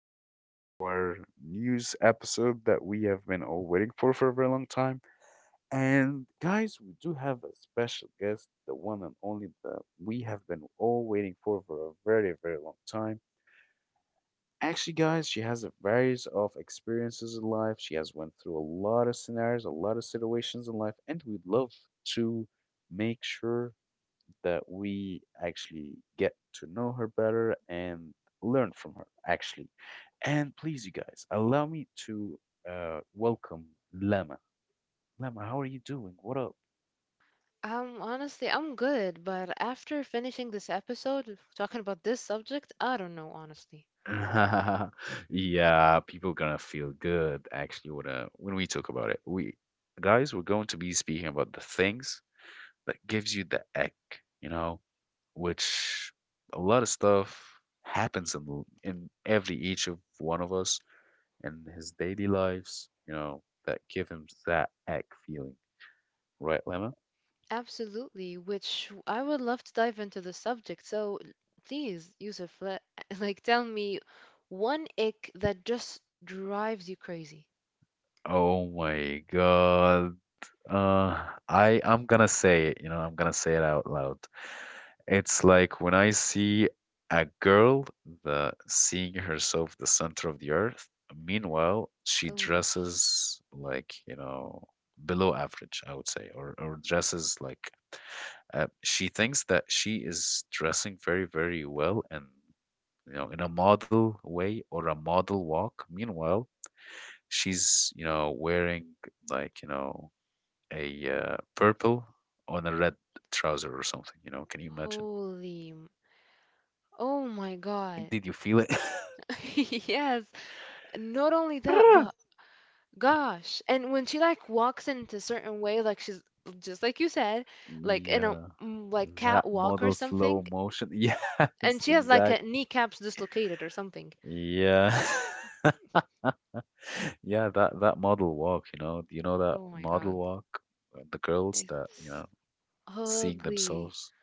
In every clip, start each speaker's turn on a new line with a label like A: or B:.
A: back to our news episode that we have been all waiting for a very long time. And guys, we do have a special guest, the one and only that we have been all waiting for a very, very long time. Actually, guys, she has a various of experiences in life. She has went through a lot of scenarios, a lot of situations in life, and we'd love to make sure that we actually get to know her better and learn from her, actually. And please, you guys, allow me to welcome Lama. Lama, how are you doing? What up?
B: Honestly, I'm good, but after finishing this episode, talking about this subject, I don't know, honestly.
A: Yeah, people gonna feel good actually when we talk about it. We guys, we're going to be speaking about the things that gives you the egg, you know, which a lot of stuff happens in every each of one of us, and his daily lives, you know, that give him that egg feeling, right, Lemma?
B: Absolutely, which I would love to dive into the subject. So please, Yusuf, tell me one ick that just drives you crazy.
A: Oh my God. Uh, I'm gonna say it, you know, I'm gonna say it out loud. It's like when I see a girl that seeing herself the center of the earth, meanwhile, she
B: Oh,
A: dresses like, you know, below average, I would say, or dresses like she thinks that she is dressing very, very well and you know, in a model way or a model walk. Meanwhile, she's, you know, wearing like, you know, a purple on a red trouser or something, you know, can you imagine?
B: holy. m- Oh my God.
A: Did you feel it?
B: Yes. Not only that,
A: Ah!
B: but gosh, and when she like walks in a certain way, like she's just like you said, like in a
A: Yeah,
B: like
A: that
B: catwalk or
A: model slow
B: something,
A: motion.
B: and
A: Yes,
B: she has like a
A: exactly.
B: kneecaps dislocated or something.
A: Yeah. Yeah, that model walk, you know, do you know that
B: Oh my God,
A: model walk? The girls that, you
B: it's
A: know, seeing
B: ugly
A: themselves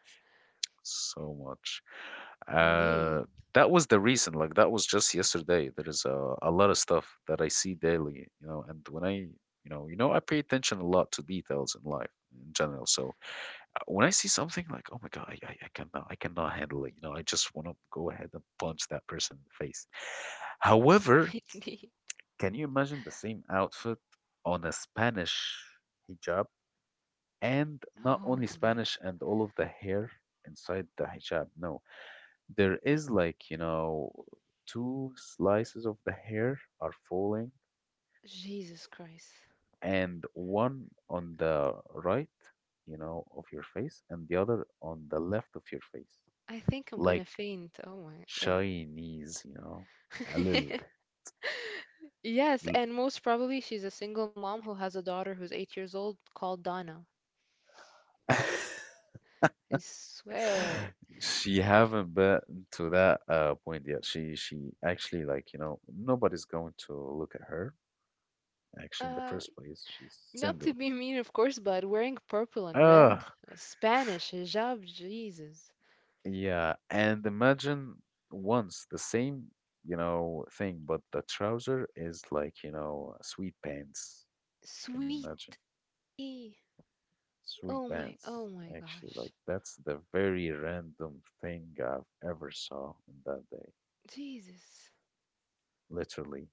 A: so much.
B: indeed.
A: Uh, that was the reason. Like that was just yesterday. There is a lot of stuff that I see daily, you know. And when I, you know, I pay attention a lot to details in life in general. So when I see something like, oh my God, I cannot handle it. You know, I just want to go ahead and punch that person in the face. However,
B: Indeed.
A: can you imagine the same outfit on a Spanish hijab and not only
B: Holy
A: Spanish and all of the hair inside the hijab? No, there is like, you know, two slices of the hair are falling,
B: Jesus Christ.
A: and one on the right, you know, of your face, and the other on the left of your face.
B: I think I'm gonna
A: Like
B: faint. Oh my,
A: Chinese, you know, a little
B: yeah. Yes,
A: bit.
B: and most probably she's a single mom who has a daughter who's 8 years old called Donna.
A: L-
B: I swear.
A: She haven't been to that point yet. She actually like, you know, nobody's going to look at her. Actually, in the
B: Um,
A: first place, she's
B: Not to
A: single.
B: be mean, of course, but wearing purple and red,
A: Ah.
B: Spanish hijab, Jesus.
A: Yeah, and imagine once the same, you know, thing, but the trouser is like, you know, sweet pants. Can you
B: Sweetie.
A: imagine? Sweet
B: Oh my,
A: pants.
B: oh my
A: Actually,
B: gosh.
A: like that's the very random thing I've ever saw in that day,
B: Jesus.
A: literally.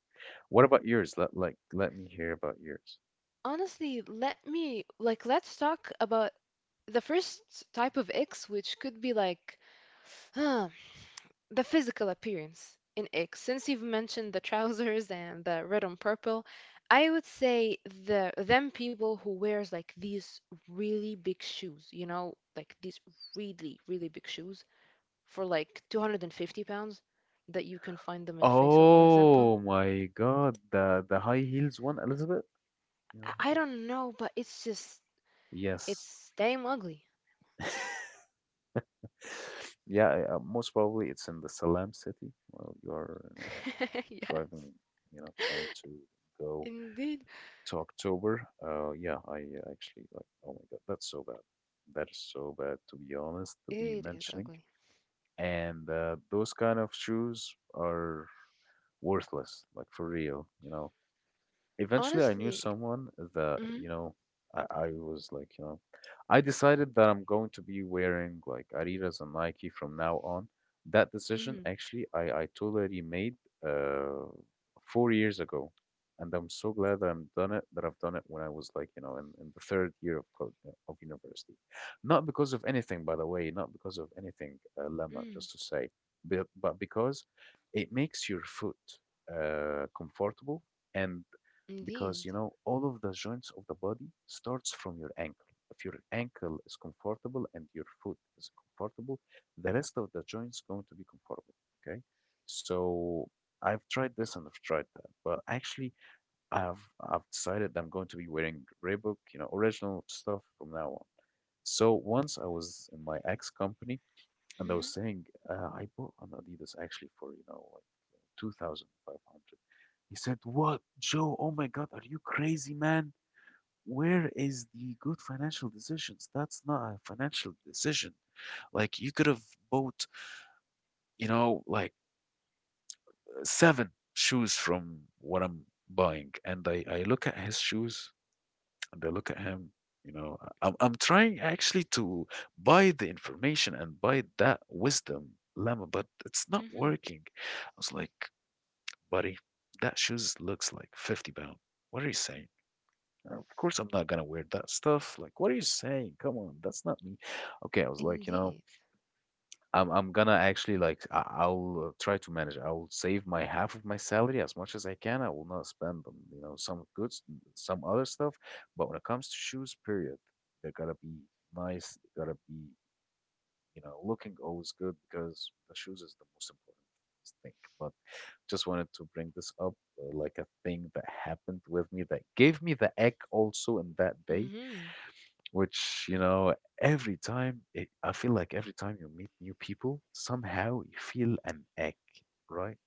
A: What about yours? Let me hear about yours.
B: Honestly, let's talk about the first type of X, which could be like, the physical appearance in X, since you've mentioned the trousers and the red and purple, I would say the them people who wears like these really big shoes, you know, like these really, really big shoes for like 250 pounds that you can find them in Faisal, for example.
A: Oh my God, the high heels one, Elizabeth? You know,
B: I
A: the-
B: don't know, but it's just
A: yes.
B: it's damn ugly.
A: Yeah, most probably it's in the Salam city. Well, you're, you know,
B: Yes.
A: driving, you know, trying to go
B: Indeed,
A: to October. Yeah, I actually like, oh my God, that's so bad. That is so bad, to be honest, to be
B: it is
A: mentioning.
B: ugly.
A: And those kind of shoes are worthless, like for real, you know. Eventually, I knew
B: Honestly.
A: someone that,
B: Mm-hmm.
A: you know, I was like, you know, I decided that I'm going to be wearing like Adidas and Nike from now on. That decision,
B: Mm.
A: actually, I totally made uh, 4 years ago. And I'm so glad that I've done it when I was like, you know, in the third year of university. Not because of anything, by the way, not because of anything, Lemma,
B: Mm.
A: just to say, but because it makes your foot comfortable and because
B: Indeed.
A: you know all of the joints of the body starts from your ankle if your ankle is comfortable and your foot is comfortable, the rest of the joints going to be comfortable. Okay, so I've tried this and I've tried that, but actually, i've I've decided I'm going to be wearing Reebok, you know, original stuff from now on. So once I was in my ex company and I
B: Mm-hmm.
A: was saying I bought an adidas actually for you know like 2500. He said, "What, Joe? Oh my God, are you crazy, man? Where is the good financial decisions? That's not a financial decision. Like, you could have bought, you know, like seven shoes from what I'm buying." And I look at his shoes and I look at him, you know, I- am I'm trying actually to buy the information and buy that wisdom, lemma, but it's not
B: Mhm.
A: working. I was like, buddy, that shoes looks like 50 pound. What are you saying? Of course, I'm not gonna wear that stuff. Like, what are you saying? Come on, that's not me. Okay, I was like, you know,
B: Indeed.
A: I'm gonna actually like I, I'll try to manage. I will save my half of my salary as much as I can. I will not spend them. You know, some goods, some other stuff. But when it comes to shoes, period, they gotta be nice. They gotta be, you know, looking always good because the shoes is the most important thing. But just wanted to bring this up like a thing that happened with me that gave me the egg also in that day,
B: Mm-hmm.
A: which, you know, every time I feel like every time you meet new people, somehow you feel an ache, right?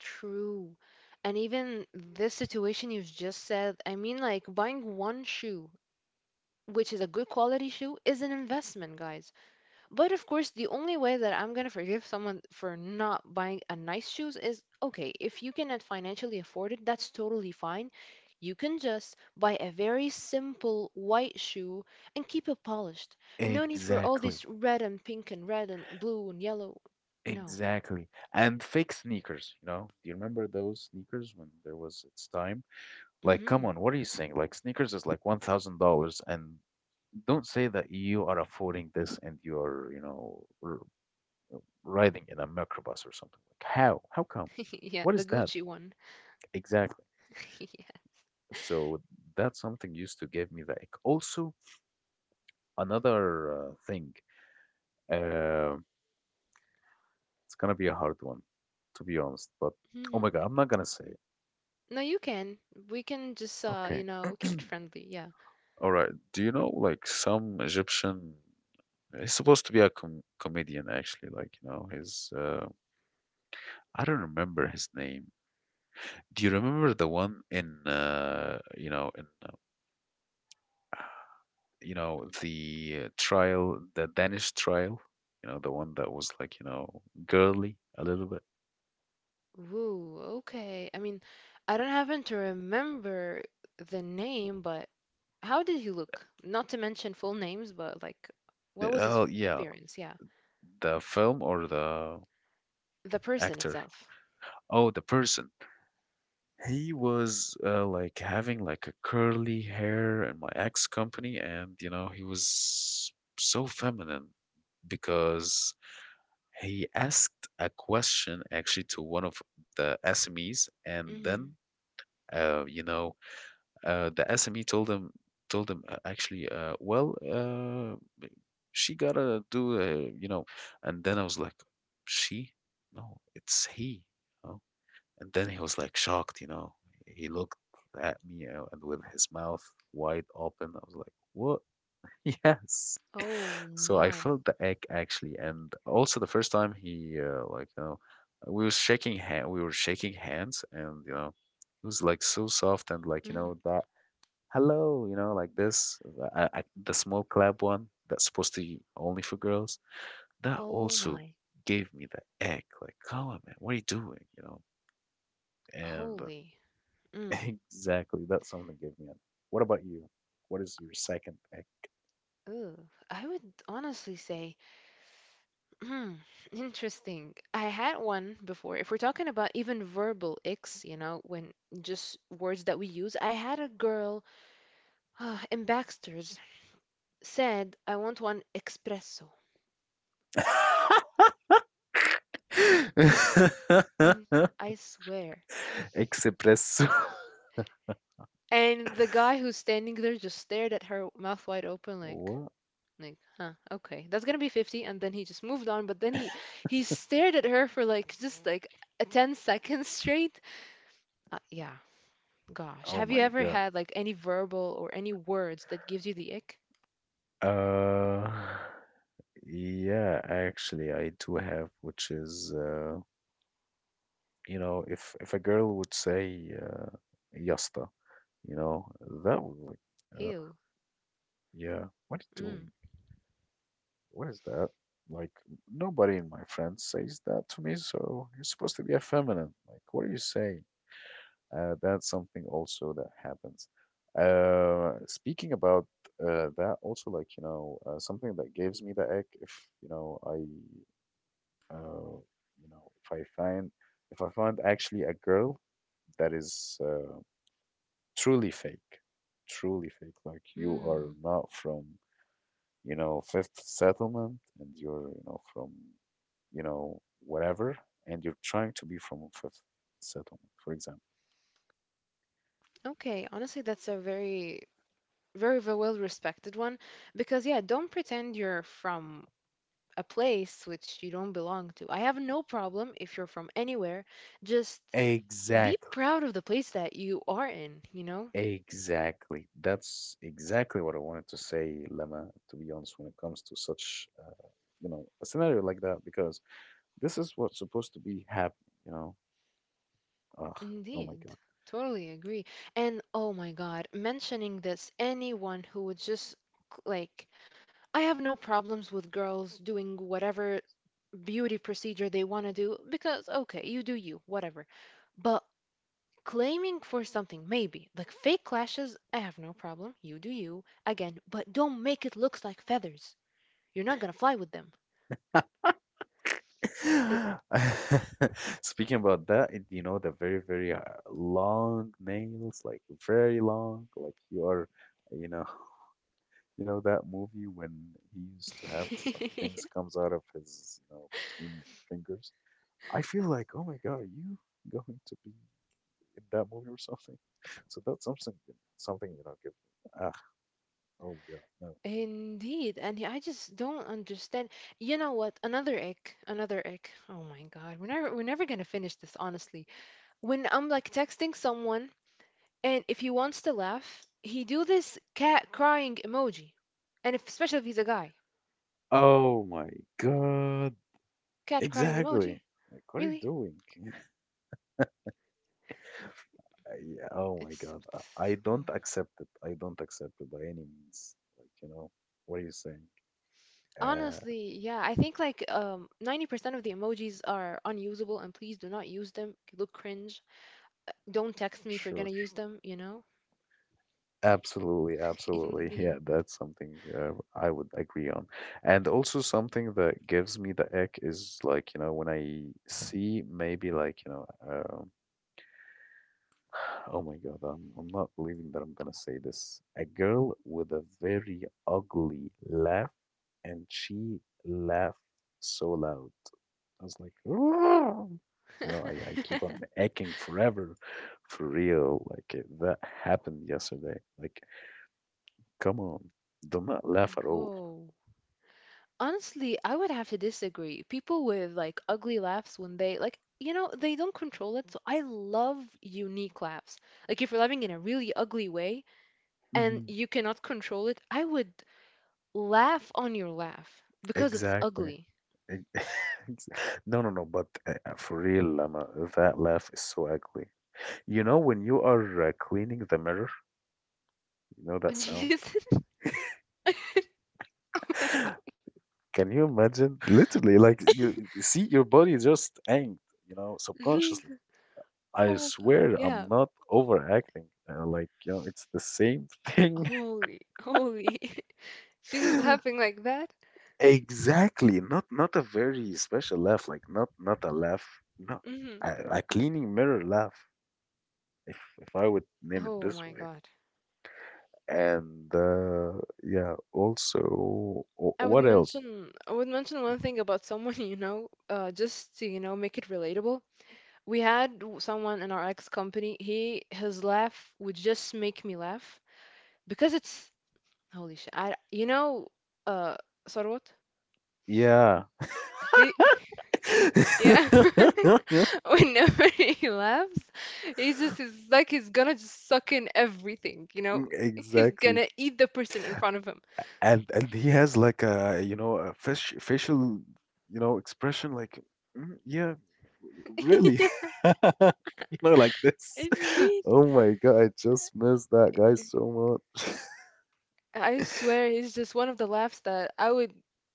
B: True. And even this situation you've just said, I mean, like buying one shoe, which is a good quality shoe, is an investment, guys. But of course, the only way that I'm gonna forgive someone for not buying a nice shoes is okay, if you cannot financially afford it, that's totally fine. You can just buy a very simple white shoe and keep it polished. No need for all
A: Exactly.
B: this red and pink and red and blue and yellow. No.
A: Exactly. And fake sneakers, you know? Do you remember those sneakers when there was its time? Like,
B: Mm-hmm.
A: come on, what are you saying? Like, sneakers is like $1,000 and don't say that you are affording this and you're, you know, r riding in a microbus or something. Like, how? How come?
B: Yeah,
A: What
B: the
A: is that
B: Gucci one.
A: exactly?
B: Yeah.
A: So that's something used to give me the ick. Also, another thing, uh, it's gonna be a hard one, to be honest. But oh my
B: Mhm.
A: God, I'm not gonna say it.
B: No, you can. We can just
A: Okay.
B: you know, keep it friendly. Yeah.
A: All right. Do you know like some Egyptian? He's supposed to be a comedian, actually. Like, you know, his I don't remember his name. Do you remember the one in you know, the trial, the Danish trial, you know, the one that was like, you know, girly a little bit.
B: Ooh, okay. I mean, I don't happen to remember the name, but how did he look? Not to mention full names, but like what was
A: Oh,
B: his
A: yeah,
B: appearance? Yeah.
A: the film or the
B: The person
A: actor?
B: itself.
A: Oh, the person. He was like having like a curly hair in my ex company, and you know, he was so feminine because he asked a question actually to one of the SMEs, and
B: Hmm.
A: then uh, you know, the SME told him, she gotta do, you know. And then I was like, she? No, it's he. You know? And then he was like shocked, you know. He looked at me, and with his mouth wide open, I was like, what? Yes.
B: Oh
A: So I
B: my.
A: felt the egg actually, and also the first time he like you know we were shaking hands, and you know it was like so soft and like you
B: Hmm.
A: know that hello, you know, like this. The small clap one that's supposed to be only for girls, that
B: Oh
A: also
B: my.
A: gave me the egg. Like, come on, man, what are you doing? You know, and
B: Holy. Mm.
A: exactly, that's something that gave me an egg. What about you? What is your second egg?
B: Ooh. I would honestly say hmm, interesting. I had one before. If we're talking about even verbal icks, you know, when just words that we use, I had a girl in Baxter's said, I want one espresso. In, I swear.
A: Expresso.
B: And the guy who's standing there just stared at her mouth wide open
A: What?
B: like, huh, okay. That's gonna be 50 and then he just moved on, but then he stared at her for like just like a 10 seconds straight. Uh, yeah, Gosh,
A: Oh
B: have you
A: my
B: ever
A: God.
B: had like any verbal or any words that gives you the ick?
A: Uh, yeah, actually, I do have, which is if a girl would say "yasta," you know, that would be like, uh,
B: Ew.
A: yeah, what are you
B: Mm.
A: doing? What is that? Like nobody in my friends says that to me, so you're supposed to be effeminate. Like, what are you saying? That's something also that happens. Speaking about that, also like you know, something that gives me the egg if you know uh, you know, if I find if I find actually a girl that is. Truly fake, truly fake. Like you are
B: Mm.
A: not from, you know, Fifth Settlement and you're, you know, from, you know, whatever, and you're trying to be from Fifth Settlement, for example.
B: Okay, honestly, that's a very, very, very well-respected one because yeah, don't pretend you're from a place which you don't belong to. I have no problem if you're from anywhere. Just be
A: Exactly.
B: proud of the place that you are in, you know?
A: Exactly. That's exactly what I wanted to say, Lama, to be honest, when it comes to such, you know, a scenario like that, because this is what's supposed to be happening, you know. Ugh, oh my
B: Indeed. Totally agree. And oh my God, mentioning this, anyone who would just like I have no problems with girls doing whatever beauty procedure they want to do because, okay, you do you, whatever. But claiming for something, maybe, like fake lashes, I have no problem. You do you. Again, but don't make it look like feathers. You're not going to fly with them. It's.
A: God. Speaking about that, the very long nails, like very long, like you are, you know, you know that movie when he used to have some things comes out of his, you know, between fingers. I feel like, oh my God, are you going to be in that movie or something. So that's something give me. Ah, oh my god, no.
B: Indeed, and I just don't understand. You know what? Another ick. Oh my God, we're never gonna finish this, honestly. When I'm like texting someone and if he wants to laugh, he do this cat crying emoji. And if, especially if he's a guy,
A: Oh my god,
B: cat crying
A: exactly.
B: emoji.
A: Like, what are you
B: Really?
A: doing? Yeah, oh my god, I,
B: It's
A: I
B: mm.
A: don't accept it. I don't accept it by any means. Like, you know, what are you saying? Uh,
B: Honestly, yeah. I think like 90% of the emojis are unusable, and please do not use them. You look cringe. Don't text me if you're gonna
A: church.
B: use them. You know?
A: Absolutely, absolutely.
B: Indeed.
A: Yeah, that's something I would agree on. And also something that gives me the ick is like, you know, when I see maybe like, oh my God, I'm not believing that I'm gonna say this. A girl with a very ugly laugh, and she laughed so loud. I was like, "Ah." You know, I keep on aching forever, for real. Like, that happened yesterday. Like, come on, do not laugh at all.
B: Whoa. Honestly, I would have to disagree. People with like ugly laughs when they like, you know, they don't control it. So I love unique laughs. Like if you're laughing in a really ugly way and
A: Hmm.
B: you cannot control it, I would laugh on your laugh because it's
A: Exactly.
B: ugly.
A: Ex- ex- No, no, no. But for real, Lama, that laugh is so ugly. You know, when you are cleaning the mirror. You know that sound?
B: Jesus.
A: Can you imagine? Literally, like you see your body just angst, you know, subconsciously.
B: Jesus.
A: I
B: Oh God.
A: swear
B: Yeah.
A: I'm not overacting. Like, you know, it's the same thing.
B: Holy. Holy. She was laughing like that.
A: Exactly. Not a very special laugh, like not a laugh, no,
B: Hmm.
A: a, a cleaning mirror laugh, if I would name it
B: Oh
A: this
B: my
A: way.
B: God.
A: And yeah, also what else?
B: I would mention one thing about someone you know, just to you know make it relatable. We had someone in our ex company. He His laugh would just make me laugh because it's holy shit. I you know uh Sarwat?
A: Yeah.
B: He yeah. Whenever he laughs, he's just it's like he's gonna just suck in everything. You know, he's
A: Exactly.
B: gonna eat the person in front of him.
A: And he has like a you know a fish, facial you know expression like "Mm, yeah really."
B: Yeah,
A: You know, like this.
B: indeed.
A: Oh my god, I just miss that guy so much.
B: I swear, he's just one of the laughs that I would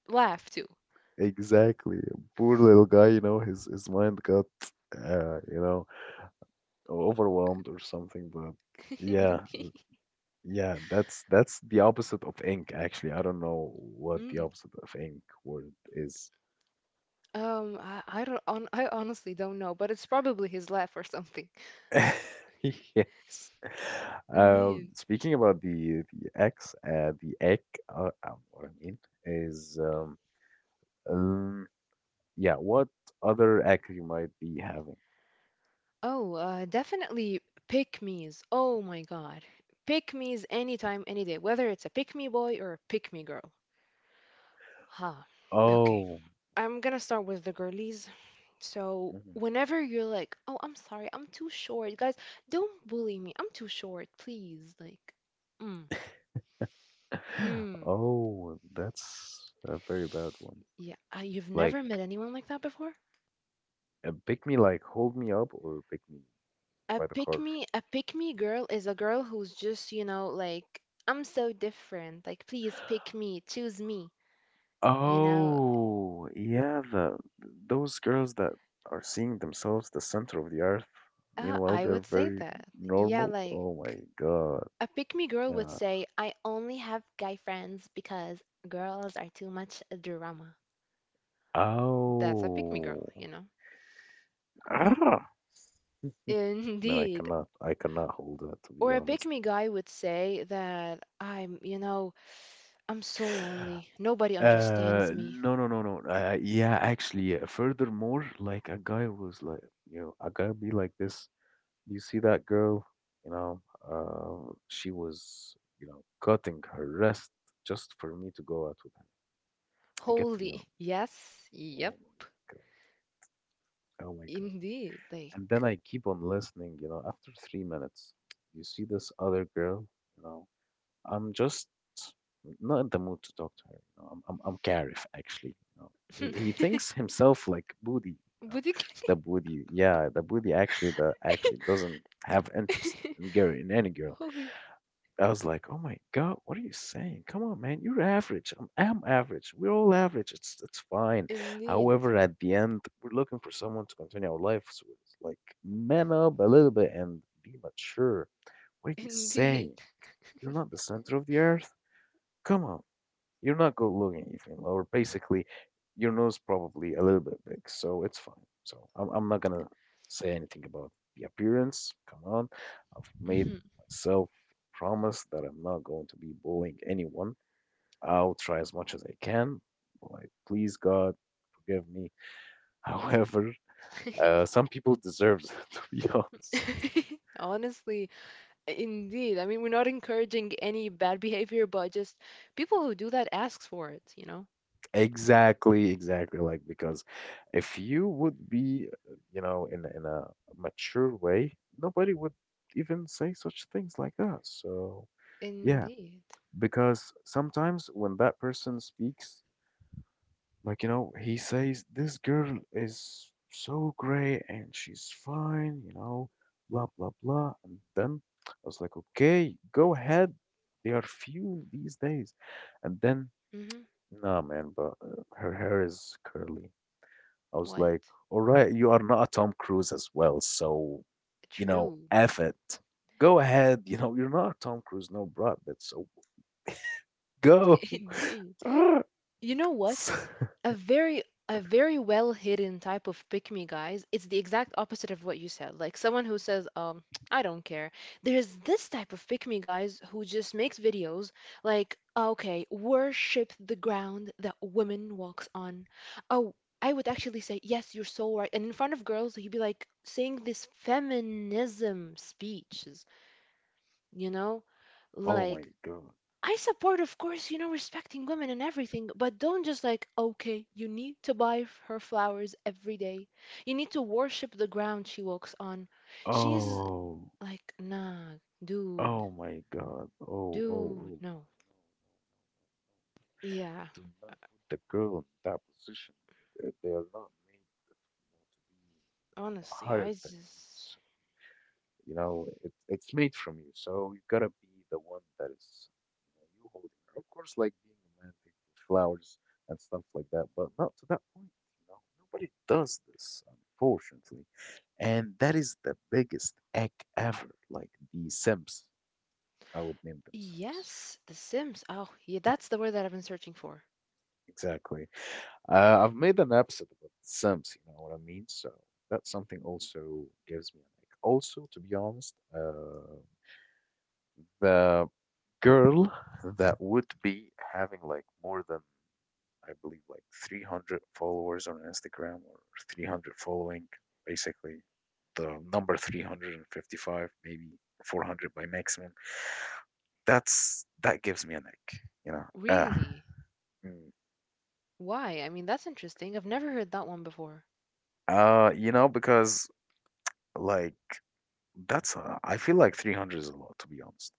B: laugh to.
A: Exactly. Poor little guy, you know, his mind got you know, overwhelmed or something, but yeah, yeah, that's the opposite of ink actually. I don't know what the
B: Indeed.
A: opposite of ink word is.
B: I don't on I honestly don't know, but it's probably his laugh or something.
A: Yes.
B: Indeed.
A: Speaking about the X, the egg, what I mean is, um, yeah, what other egg you might be having?
B: Oh, definitely pick me's. Oh my God. Pick me's anytime, any day, whether it's a pick me boy or a pick me girl. Huh. Okay.
A: Oh,
B: I'm gonna start with the girlies. So,
A: mm-hmm.
B: whenever you're like, oh, I'm sorry, I'm too short, guys, don't bully me. I'm too short, please. Like, mm, hmm.
A: Oh, that's a very bad one.
B: Yeah, you've never
A: Like,
B: met anyone like that before?
A: pick me, like, hold me up, or pick me
B: A
A: by the
B: pick
A: car.
B: me, a pick me girl is a girl who's just, you know, like, I'm so different. Like, please pick me, choose me. You know,
A: Oh, yeah, the those girls that are seeing themselves the center of the earth. Meanwhile,
B: I would
A: they're
B: say
A: very
B: that. Yeah,
A: normal.
B: like,
A: Oh my God.
B: a pick me girl would
A: Nah.
B: say, I only have guy friends because girls are too much drama. That's a pick me girl,
A: Oh.
B: you know?
A: Ah. No, I
B: Indeed.
A: cannot. I cannot hold that, to be
B: Or a pick
A: honest.
B: me guy would say that I'm, you know, I'm so lonely. Nobody understands me.
A: No, no, no, no. Yeah, actually, furthermore, like a guy was like, you know, a guy be like this. You see that girl? You know, she was, you know, cutting her wrist just for me to go out with her. I get to, you
B: Holy.
A: know,
B: Yes. Yep.
A: oh my god, oh my god.
B: Indeed,
A: And then
B: like
A: I keep on listening. You know, after 3 minutes, you see this other girl. You know, I'm just not in the mood to talk to her. You know, I'm Gareth actually. You know, he,
B: would
A: he thinks himself like Booty. You
B: you
A: know,
B: get
A: the Booty. Yeah, the Booty actually the actually doesn't have interest
B: it?
A: in girl in any girl.
B: Holy,
A: I was like, oh my god, what are you saying? Come on, man, you're average. I'm average. We're all average. It's fine.
B: indeed,
A: However, at the end, we're looking for someone to continue our lives with. Like, man up a little bit and be mature. What are you saying?
B: indeed.
A: You're not the center of the earth. Come on. You're not good looking even, or basically, your nose probably a little bit big, so it's fine. So I'm not gonna say anything about the appearance. Come on, I've made
B: Mhm.
A: myself promise that I'm not going to be bullying anyone. I'll try as much as I can. Like, please God, forgive me. However, some people deserve it, to be honest.
B: Honestly, indeed. I mean, we're not encouraging any bad behavior, but just people who do that asks for it, you know?
A: Exactly, exactly. Like because if you would be, you know, in a mature way, nobody would even say such things like that. So yeah,
B: Indeed.
A: because sometimes when that person speaks, like you know, he says, "This girl is so great and she's fine," you know, blah blah blah. And then I was like, "Okay, go ahead." They are few these days, and then
B: Hmm.
A: nah, man, but her hair is curly. I was
B: What?
A: like, all right, you are not a Tom Cruise as well, so you know,
B: True.
A: F it. Go ahead, you know, you're not a Tom Cruise, no Brad Pitt, so go.
B: Indeed.
A: Ah,
B: You know what?
A: s-
B: A very a very well hidden type of pick me guys. It's the exact opposite of what you said. Like someone who says, I don't care. There's this type of pick me guys who just makes videos like, okay, worship the ground that woman walks on. Oh, I would actually say, yes, you're so right. And in front of girls, he'd be like saying this feminism speeches, you know?
A: oh my
B: Like
A: god.
B: I support, of course, you know, respecting women and everything, but don't just like, okay, you need to buy her flowers every day. You need to worship the ground she walks on. She's
A: Oh,
B: like, nah, dude,
A: oh my god. Oh, oh, oh,
B: dude,
A: oh.
B: no. Yeah,
A: Do not put the girl in that position. They are not made to be, you know,
B: honestly, I
A: higher than you.
B: just.
A: So. You know, it's made from you. So you gotta be the one that is, you know, you holding her. Of course, like being romantic with flowers and stuff like that, but not to that point. You know, nobody does this, unfortunately. And that is the biggest egg ever. Like the Sims, I would name them Sims.
B: Yes, The Sims. Oh, yeah, that's the word that I've been searching for.
A: Exactly. I've made an episode about Sims, you know what I mean? So that's something also gives me an egg. Also, to be honest, the girl that would be having like more than I believe like 300 followers on Instagram or 300 following, basically the number 355 maybe 400 by maximum. That gives me an ick, you know.
B: Really?
A: Mm.
B: Why? I mean, that's interesting. I've never heard that one before.
A: You know because like that's I feel like 300 is a lot to be honest.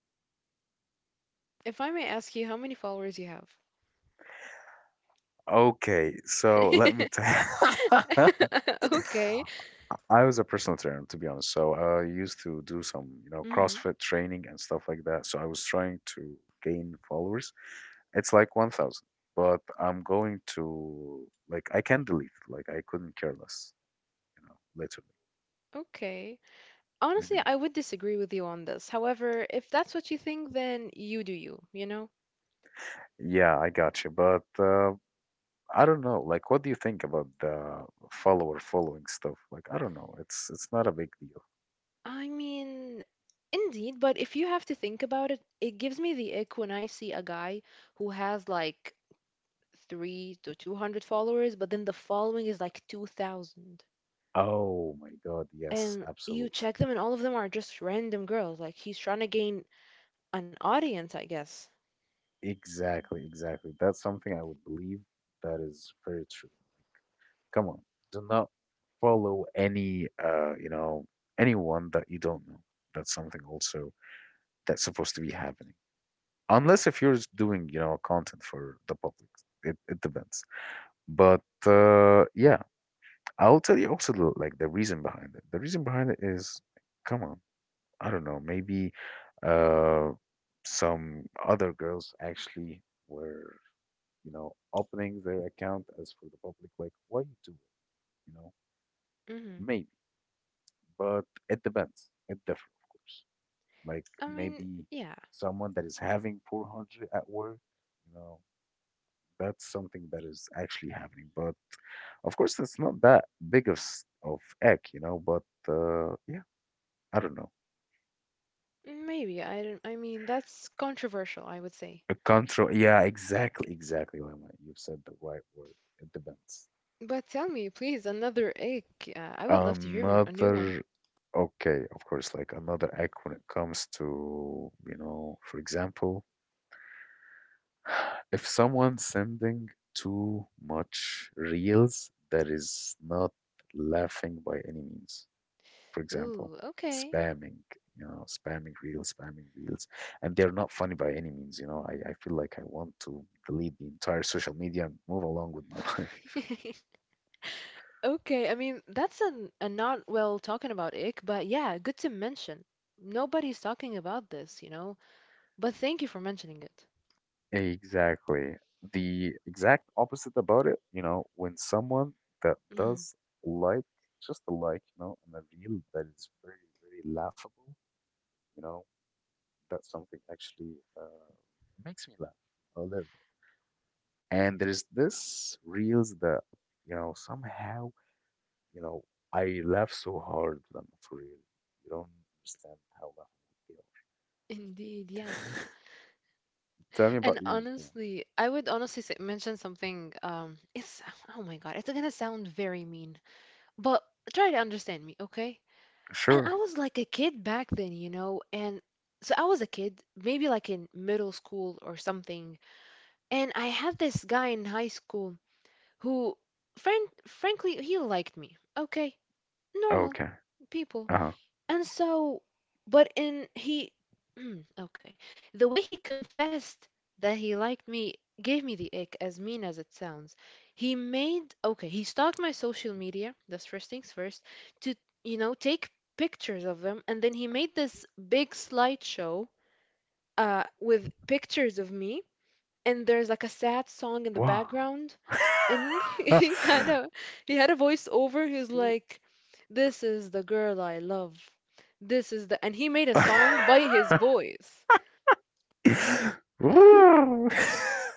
B: If I may ask you, how many followers you have?
A: Okay, so let me tell.
B: Okay.
A: I was a personal trainer, to be honest. So I used to do some, you know,
B: Hmm.
A: CrossFit training and stuff like that. So I was trying to gain followers. It's like 1,000, but I'm going to, like, I can delete it. Like, I couldn't care less, you know, literally.
B: Okay. Honestly,
A: Hmm.
B: I would disagree with you on this. However, if that's what you think, then you do you, you know?
A: Yeah, I got you. But I don't know. Like, what do you think about the follower following stuff? Like, I don't know. It's not a big deal.
B: I mean, indeed, but if you have to think about it, it gives me the ick when I see a guy who has like three to 200 followers, but then the following is like 2,000.
A: Oh my God, yes,
B: And you
A: absolutely.
B: check them, and all of them are just random girls. Like, he's trying to gain an audience, I guess.
A: Exactly, exactly. That's something I would believe that is very true. Come on, do not follow any you know, anyone that you don't know. That's something also that's supposed to be happening. Unless if you're just doing, you know, content for the public. It depends. But yeah, I'll tell you also the, like the reason behind it. The reason behind it is come on, I don't know, maybe uh some other girls actually were you know, opening their account as for the public, like why you do it, you know,
B: Hmm.
A: maybe, but it depends. It differs, of course. Like
B: I mean,
A: maybe
B: yeah,
A: someone that is having 400 at work, you know, that's something that is actually happening. But of course, it's not that big of egg, you know. But yeah, I don't know.
B: Maybe. I don't, I mean, that's controversial, I would say.
A: A control, yeah, exactly, exactly, Lama. You've said the right word. It depends.
B: But tell me, please, another egg. I would love to hear a new one.
A: Another okay, of course, like another act when it comes to, you know, for example, if someone's sending too much reels that is not laughing by any means, for example,
B: Ooh, okay.
A: spamming, you know, spamming reels, and they're not funny by any means, you know, I feel like I want to delete the entire social media and move along with my life.
B: Okay, I mean, that's a not well talking about ick, but yeah, good to mention. Nobody's talking about this, you know? But thank you for mentioning it.
A: Exactly. The exact opposite about it, you know, when someone that
B: Mm,
A: does like, just a like, you know, and a reel that is very, very laughable, you know, that's something actually uh, makes me laugh a little bit. And there's this reels that, you know, somehow, you know, I laugh so hard at them for real. You don't understand how laughable they
B: indeed,
A: are.
B: yes.
A: Tell me about
B: And
A: yours though.
B: honestly, I would honestly say, mention something. It's oh my God, it's gonna sound very mean, but try to understand me, okay? And
A: Sure.
B: I was like a kid back then, you know, and so I was a kid, maybe like in middle school or something. And I had this guy in high school who, frankly, he liked me. Okay, normal
A: Okay.
B: people.
A: Uh-huh.
B: And so, but in he, okay, the way he confessed that he liked me gave me the ick, as mean as it sounds. He made, okay, he stalked my social media, that's first things first, to, you know, take pictures of them. And then he made this big slideshow with pictures of me. And there's like a sad song in the
A: Wow.
B: background and he had a voiceover. He was like, "This is the girl I love. This is the," and he made a song by his voice.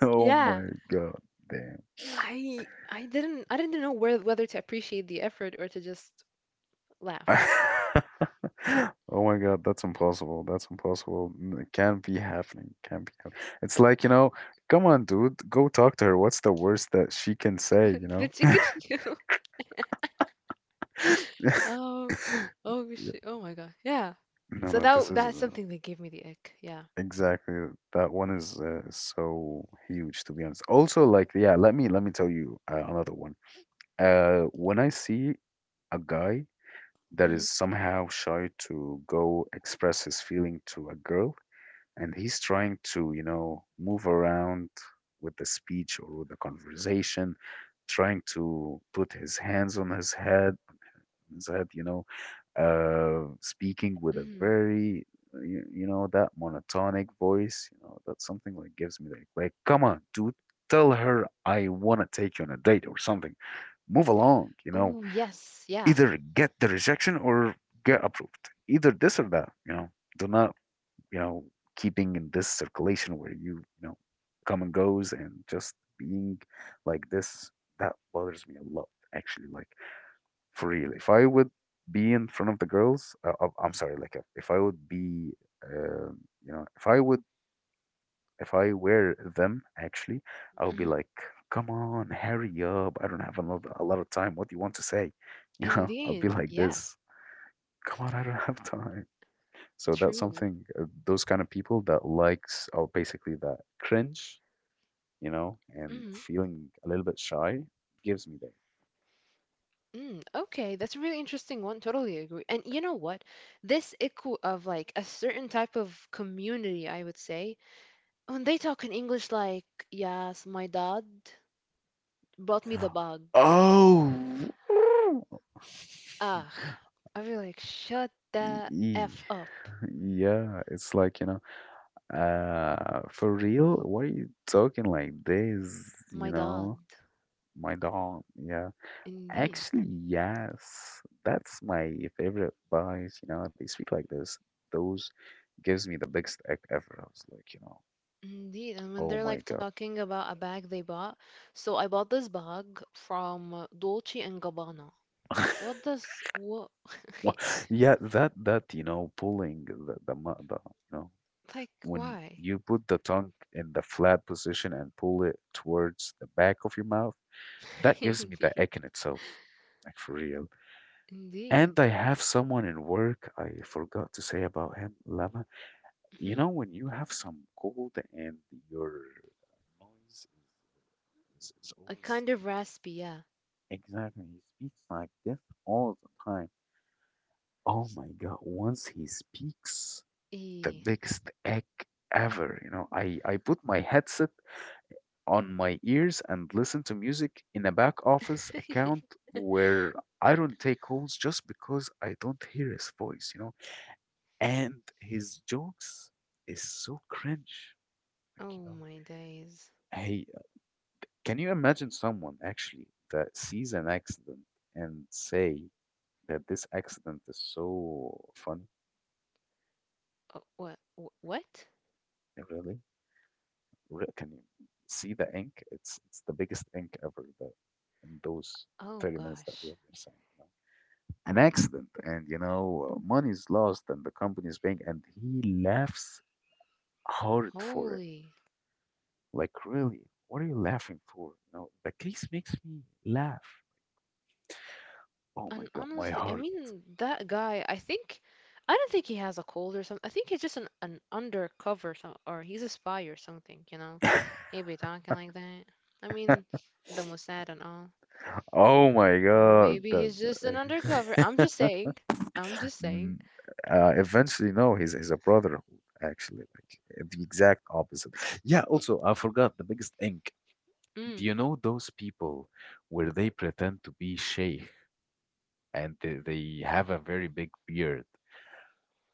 A: Oh
B: Yeah,
A: my god, damn.
B: I didn't know where, whether to appreciate the effort or to just laugh.
A: Oh my god, that's impossible. That's impossible. N- It can't be happening. Can't be happening. It's like, you know, come on, dude, go talk to her. What's the worst that she can say, you
B: The
A: know?
B: chicken noodle. Oh, oh
A: Yeah.
B: shit. Oh my God. Yeah.
A: No,
B: So
A: no, this
B: that
A: is
B: that's something that gave me the ick. Yeah.
A: exactly that one is so huge to be honest. Also, like, yeah, let me tell you another one. When I see a guy that
B: Hmm.
A: is somehow shy to go express his feeling to a girl, and he's trying to, you know, move around with the speech or with the conversation, trying to put his hands on his head, you know, speaking with a
B: Hmm.
A: very, you know, that monotonic voice, you know, that's something that gives me like, come on, dude, tell her I want to take you on a date or something. Move along, you know,
B: Oh yes. Yeah.
A: either get the rejection or get approved, either this or that, you know. Do not, you know, keeping in this circulation where you know, come and goes and just being like this. That bothers me a lot, actually. Like, for real, if I would be in front of the girls I'm sorry, like if I would be um you know, if I would, if I were them actually, I would be
B: Hmm.
A: like, come on, hurry up, I don't have a lot of time, what do you want to say? You know, I'll be
B: Indeed.
A: like
B: Yeah.
A: this, come on, I don't have time. So that's
B: True.
A: something. Those kind of people that likes, or basically that cringe, you know, and
B: Hmm.
A: feeling a little bit shy gives me
B: Mm, okay, that's a really interesting one. Totally agree. And you know what? This echo of like a certain type of community, I would say, when they talk in English, like, yes, my dad brought me the
A: that.
B: bug.
A: Oh,
B: Ugh, I feel like, shut
A: E-
B: the
A: e-
B: F up.
A: yeah, it's like, you know, for real? Why are you talking like this?
B: My
A: You
B: dad.
A: know, my dog, yeah.
B: Indeed.
A: Actually, yes, that's my favorite buys. You know, they speak like this. Those gives me the biggest egg ever. I was like, you know,
B: Indeed. And when
A: oh
B: they're
A: my
B: like
A: God.
B: talking about a bag they bought, so I bought this bag from Dolce and Gabbana. What does, what,
A: Wha- Yeah, that that you know, pulling the, you know,
B: like,
A: when
B: why?
A: you put the tongue in the flat position and pull it towards the back of your mouth, that gives me
B: Indeed.
A: the egg in itself, like for real.
B: Indeed.
A: And I have someone in work. I forgot to say about him, Lama.
B: Mhm.
A: You know, when you have some cold and your noise is
B: A kind
A: always,
B: of
A: you know,
B: raspy, yeah.
A: exactly. He speaks like this all the time. Oh my God, once he speaks, the
B: Eh.
A: biggest egg ever. You know, I put my headset on my ears and listen to music in a back office account where I don't take calls just because I don't hear his voice, you know. And his jokes is so cringe. Like,
B: Oh
A: you know,
B: my days.
A: he. Can you imagine someone actually that sees an accident and say that this accident is so funny?
B: Oh, what? What?
A: Really? Can you see the ink? It's the biggest ink ever, the, in those
B: Oh
A: 30 minutes that we
B: gosh.
A: have been saying. You know? An accident, and you know, money is lost, and the company is paying, and he laughs hard for it.
B: Holy.
A: Like, really, what are you laughing for? You know, the case makes me laugh. Oh my
B: And
A: God, my
B: honestly, I
A: heart.
B: mean that guy. I don't think he has a cold or something. I think he's just an undercover or he's a spy or something. You know, he be talking like that. I mean, the Mossad and all.
A: Oh my God.
B: Maybe
A: That,
B: he's just an undercover. I'm just saying. I'm just saying.
A: Mm, eventually, no, he's a brother, actually, like the exact opposite. Yeah, also, I forgot the biggest ink. Do
B: Mm.
A: you know those people where they pretend to be sheikh and they have a very big beard?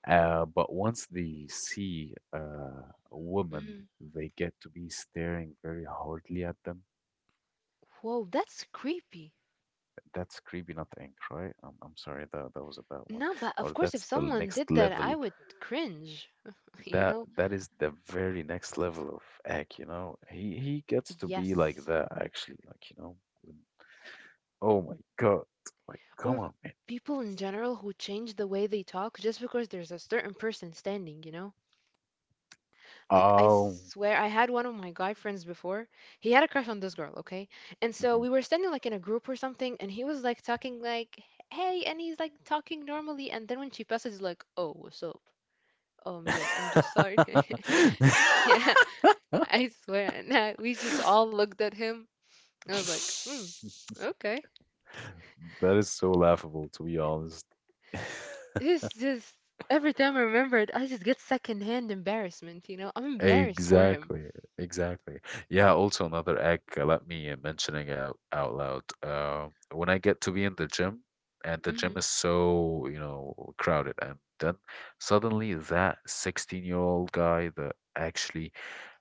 A: But once they see a woman,
B: Mm-hmm.
A: they get to be staring very hardly at them.
B: Whoa, that's creepy.
A: That's creepy, not ink, right? I'm sorry, that was a bad one.
B: No, but of
A: Or
B: course, if
A: that's the
B: someone did
A: next
B: that,
A: level,
B: I would cringe, you
A: that
B: know?
A: that is the very next level of act, you know. He gets to be like
B: Yes.
A: that actually, like you know. when- Oh my god! Like come
B: Or
A: on, man.
B: people in general who change the way they talk just because there's a certain person standing, you know? Like, I
A: Oh.
B: swear, I had one of my guy friends before. He had a crush on this girl, okay? And so
A: Mhm.
B: we were standing like in a group or something, and he was like talking like, hey, and he's like talking normally. And then when she passes, he's like, oh, what's up? Yes, I'm just sorry. Yeah, I swear. And we just all looked at him. I was like, hmm, okay.
A: That is so laughable, to be honest.
B: It's just every time I remember it, I just get secondhand embarrassment, you know? I'm embarrassed for him.
A: Exactly, exactly. Yeah, also another act. Let me mentioning out loud. When I get to be in the gym and the
B: Hmm.
A: gym is so, you know, crowded and then suddenly that 16-year-old guy that actually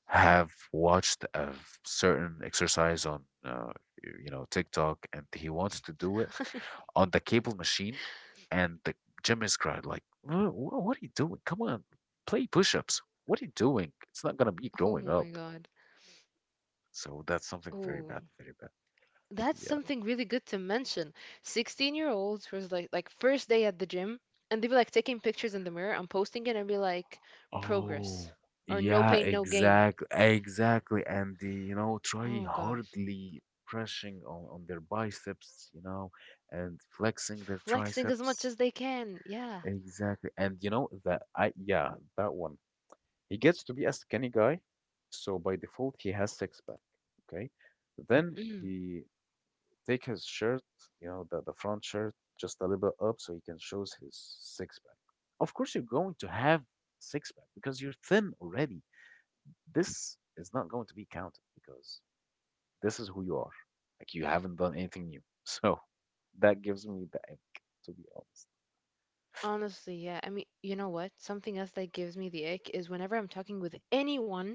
A: have watched a certain exercise on you know, TikTok, and he wants to do it on the cable machine, and the gym is cried like, what are you doing? Come on, play push-ups, what are you doing? It's not gonna be
B: Oh
A: growing
B: my
A: up."
B: God.
A: So that's something very
B: Oh,
A: bad, very bad.
B: that's
A: Yeah.
B: something really good to mention. 16-year-olds was like first day at the gym and they be like taking pictures in the mirror and posting it and be like progress
A: Oh,
B: or no
A: yeah,
B: pain, no gain.
A: exactly. And the, you know, try
B: Oh gosh.
A: hardly pressing on their biceps, you know, and flexing their
B: Flexing as much
A: triceps.
B: as they can. Yeah.
A: Exactly. And you know that I, yeah, that one. He gets to be a skinny guy, so by default he has six pack. Okay. Then
B: Mm-hmm.
A: he take his shirt, you know, the front shirt just a little bit up so he can show his six pack. Of course you're going to have six pack because you're thin already. This is not going to be counted because this is who you are. Like you haven't done anything new. So that gives me the ick, to be honest.
B: Honestly, yeah. I mean, you know what? Something else that gives me the ick is whenever I'm talking with anyone,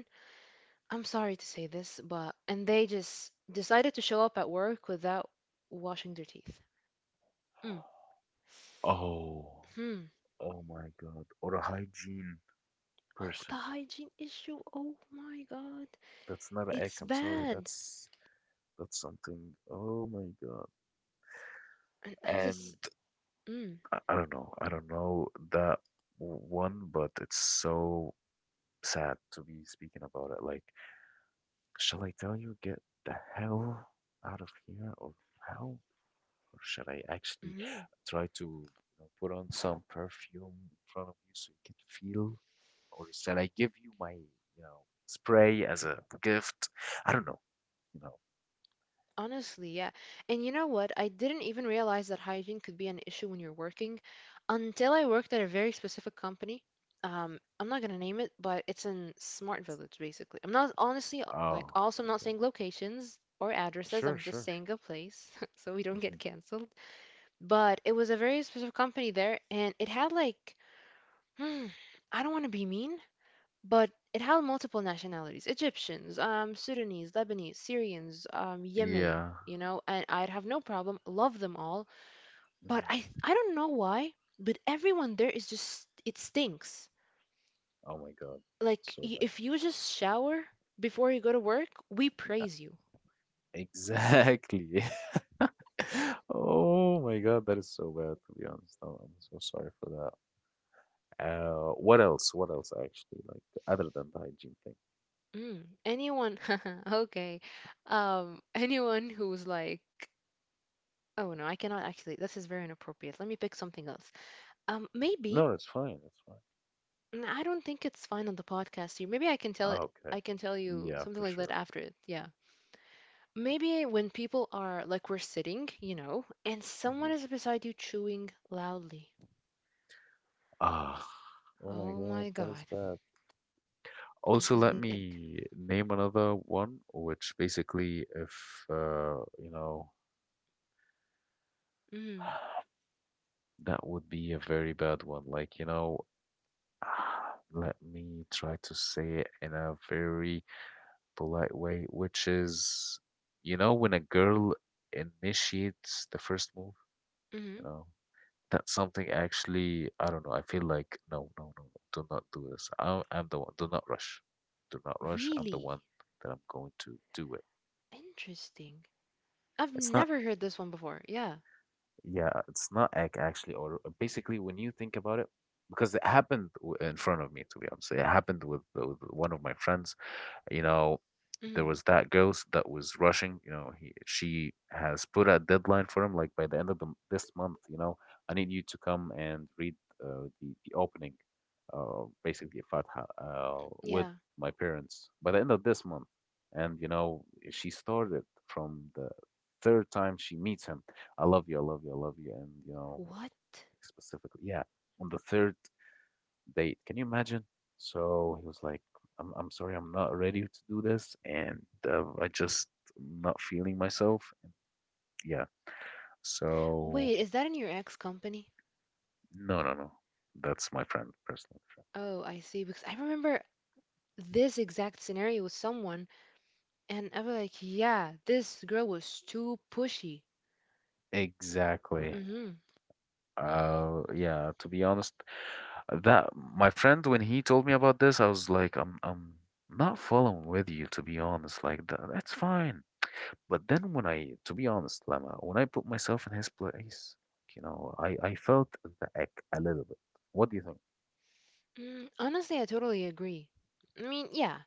B: I'm sorry to say this, but and they just decided to show up at work without washing their teeth. Mm.
A: Oh.
B: Hmm.
A: Oh my God. Or a hygiene
B: Oh,
A: person.
B: the hygiene issue. Oh my God.
A: That's not a egg.
B: It's
A: I'm sorry.
B: bad.
A: That's something. Oh my God.
B: And I
A: And
B: just mm.
A: I don't know. I don't know that one, but it's so sad to be speaking about it. Like, shall I tell you, get the hell out of here, or how? Or shall I actually
B: Mhm.
A: try to, you know, put on some perfume in front of you so you can feel? Or shall I give you my, you know, spray as a gift? I don't know, you know.
B: Honestly, yeah. And you know what? I didn't even realize that hygiene could be an issue when you're working until I worked at a very specific company. I'm not gonna name it, but it's in Smart Village, basically. I'm not honestly like
A: Oh,
B: also I'm not
A: okay.
B: saying locations or addresses.
A: Sure,
B: I'm just
A: sure.
B: saying a place so we don't
A: Hmm.
B: get canceled. But it was a very specific company there, and it had like, hmm, I don't want to be mean, but it held multiple nationalities Egyptians, Sudanese, Lebanese, Syrians, Yemen,
A: Yeah.
B: and I'd have no problem, love them all. But
A: Hmm.
B: I don't know why, but everyone there is just, it stinks.
A: Oh my God.
B: Like,
A: So bad.
B: if you just shower before you go to work, we
A: Uh,
B: praise you.
A: Exactly. Oh my God, that is so bad, to be honest. I'm so sorry for that. What else? What else actually? Like other than the hygiene thing?
B: Anyone, okay. Anyone who's like, oh no, I cannot actually, this is very inappropriate. Let me pick something else. Maybe
A: No, that's fine. That's fine.
B: I don't think it's fine on the podcast here. Maybe I can tell
A: Ah,
B: it.
A: okay.
B: I can tell you
A: Yeah,
B: something
A: for
B: like that
A: sure.
B: after it. Yeah. Maybe when people are like we're sitting, and someone
A: Mhm.
B: is beside you chewing loudly.
A: Ah, oh my
B: Oh
A: God,
B: my
A: that is
B: God.
A: bad.
B: It
A: Also,
B: gives me
A: let
B: the ick.
A: me name another one, which basically, if you know,
B: Mm.
A: that would be a very bad one. Like, you know, let me try to say it in a very polite way, which is, you know, when a girl initiates the first move, you
B: Hmm.
A: know. That's something, actually, I don't know. I feel like, no, no, no, no, do not do this. I, I'm the one. Do not rush. Do not rush. I'm the
B: Really?
A: one that I'm going to do it.
B: Interesting. I've
A: It's not,
B: never heard this one before. Yeah.
A: yeah, it's not actually, or basically when you think about it, because it happened in front of me, to be honest. It happened with one of my friends. You know, there
B: Mm,
A: was that ghost that was rushing. You know, he, she has put a deadline for him, like by the end of the, this month. You know, I need you to come and read the opening, basically Fatha, with
B: yeah.
A: my parents by the end of this month. And you know, she started from the third time she meets him. I love you, I love you, I love you, and you know,
B: What?
A: specifically, yeah, on the third date. Can you imagine? So he was like, I'm sorry, I'm not ready to do this. And I just not feeling myself. And yeah. So
B: Wait, is that in your ex company?
A: no, no, no. That's my friend, personal friend.
B: Oh, I see. Because I remember this exact scenario with someone. And I was like, yeah, this girl was too pushy.
A: Exactly.
B: Hmm.
A: Yeah, to be honest, that my friend, when he told me about this, I was like, I'm not following with you, to be honest. Like, that, that's fine. But then when I, to be honest, Lama, when I put myself in his place, you know, I felt the ick a little bit. What do you think?
B: Mm, honestly, I totally agree. I mean, yeah.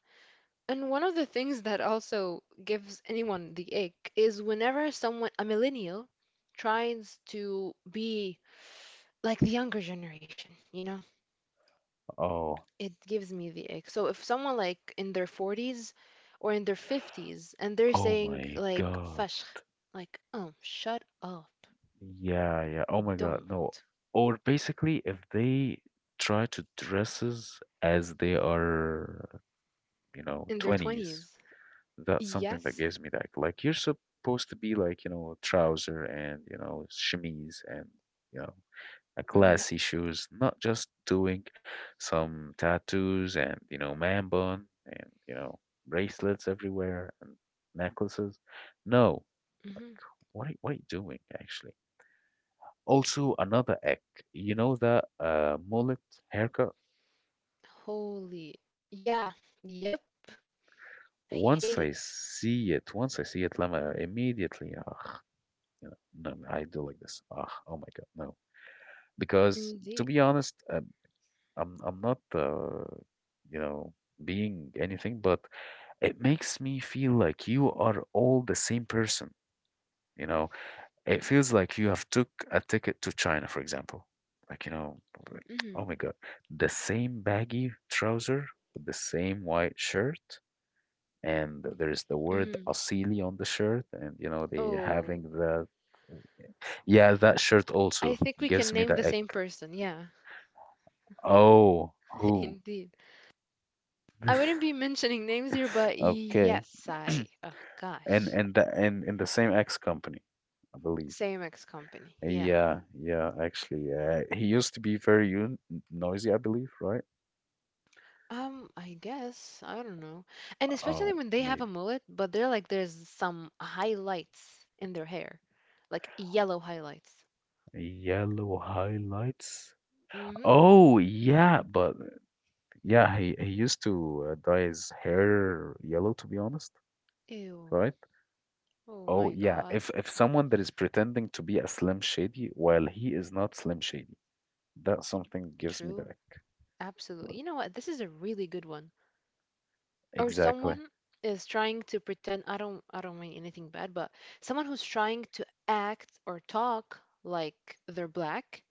B: And one of the things that also gives anyone the ick is whenever someone, a millennial, tries to be like the younger generation, you know?
A: Oh,
B: It gives me the ick. So if someone like in their 40s or in their 50s and they're
A: oh
B: saying
A: my
B: like
A: God.
B: fashkh, like, shut up,
A: Yeah, yeah. Oh my God.
B: don't.
A: No. Or basically, if they try to dresses as they are, you know,
B: In their
A: 20s,
B: 20s.
A: that's something that
B: Yes,
A: gives me that. Like, you're supposed to be like, you know, trouser and, you know, chemise and, you know, a
B: hmm.
A: classy shoes, not just doing some tattoos and you know, man bun, and you know, bracelets everywhere and necklaces. No, like
B: Hmm.
A: what are you doing actually? Also, another egg. You know that mullet haircut.
B: Holy. Yeah. Yep. I hate
A: Once I
B: it.
A: see it, once I see it, Lama, immediately, ah, you know, no, no, I do like this. Ah, oh my God, no. Because
B: Indeed.
A: to be honest, I'm not you know, being anything, but it makes me feel like you are all the same person, you know? It feels like you have took a ticket to China, for example. Like, you know,
B: Hmm.
A: oh my God, the same baggy trouser with the same white shirt, and there's the word
B: Hmm.
A: Asili on the shirt, and you know, they
B: Oh,
A: having the, yeah, that shirt
B: I
A: also
B: think we
A: gives
B: can
A: me
B: name the
A: the ick.
B: same person. Yeah,
A: Oh, who?
B: indeed. I wouldn't be mentioning names here, but
A: Okay.
B: yes, I. Oh,
A: And
B: gosh.
A: and the, and in the same X company, I believe.
B: Same ex company. Yeah.
A: Yeah, yeah, actually, he used to be very un noisy, I believe, right?
B: I guess. I don't know. And especially
A: Oh,
B: when they have a
A: maybe.
B: mullet, but they're like, there's some highlights in their hair, like yellow highlights.
A: Yellow highlights.
B: Mm-hmm.
A: Oh, yeah, but yeah, he used to dye his hair yellow, to be honest,
B: Ew.
A: right?
B: Oh
A: Oh,
B: my
A: yeah,
B: God.
A: if someone that is pretending to be a Slim Shady while he is not Slim Shady, that's something gives me
B: True.
A: the
B: Absolutely. You know what? This is a really good one. Or
A: exactly,
B: someone is trying to pretend I don't mean anything bad, but someone who's trying to act or talk like they're black,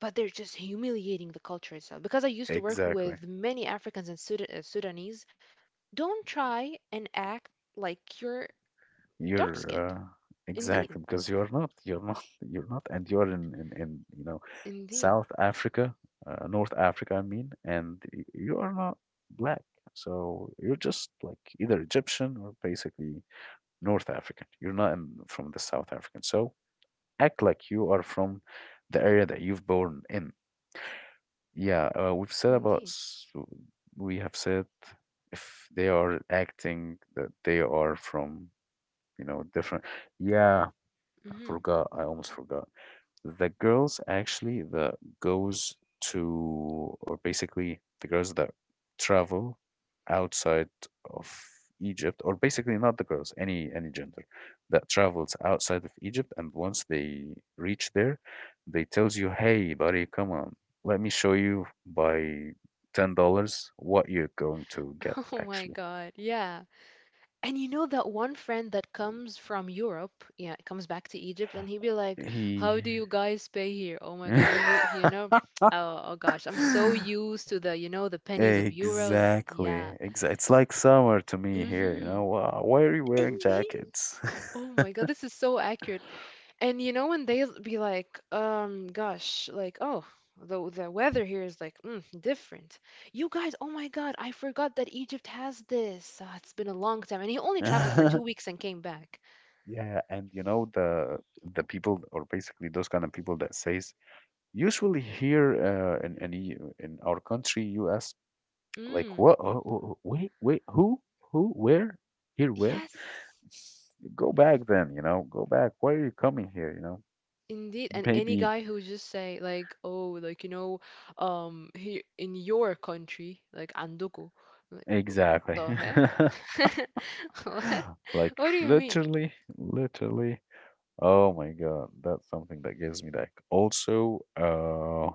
B: but they're just humiliating the culture itself. Because I used to work
A: exactly.
B: with many Africans and Sudanese, don't try and act like you're
A: You're
B: dark-skinned. Indeed.
A: exactly because you're not, you're not, and you're in you know,
B: Indeed.
A: South Africa, North Africa, I mean, and you are not black. So you're just like either Egyptian or basically North African. You're not in, from the South African. So act like you are from the area that you've born in. Yeah, we've said about,
B: Indeed.
A: we have said if they are acting that they are from, you know, different. Yeah, I
B: Hmm.
A: forgot. I almost forgot. The girls actually that goes to, or basically the girls that travel outside of Egypt, or basically not the girls, any gender that travels outside of Egypt, and once they reach there, they tells you, "Hey, buddy, come on, let me show you by $10 what you're going to get."
B: Oh my
A: Actually,
B: God. Yeah. And you know that one friend that comes from Europe, yeah, comes back to Egypt, and he'd be like, "How
A: he.
B: do you guys pay here? Oh my God, we, oh, oh gosh, I'm so used to the, the pennies of euros."
A: Exactly.
B: Yeah.
A: Exa it's like summer to me here, you
B: Mm-hmm.
A: know. Wow, why are you wearing
B: Indeed.
A: jackets?
B: Oh my God, this is so accurate. And you know, when they'll be like, gosh, like, oh, the weather here is like, different. You guys, oh my God, I forgot that Egypt has this. Ah, it's been a long time, and he only traveled for two weeks and came back.
A: Yeah, and you know the people or basically those kind of people that says usually here in in our country US like
B: Mm.
A: what oh, oh, oh, wait, who where here where
B: Yes,
A: go back then, you know, go back, why are you coming here, you know,
B: indeed. And any
A: maybe
B: guy who just say like, oh, like here in your country, like andoku, like "Oh,
A: exactly.
B: the heck? What?
A: Like
B: What do you mean?
A: literally, literally oh my God, that's something that gives me like also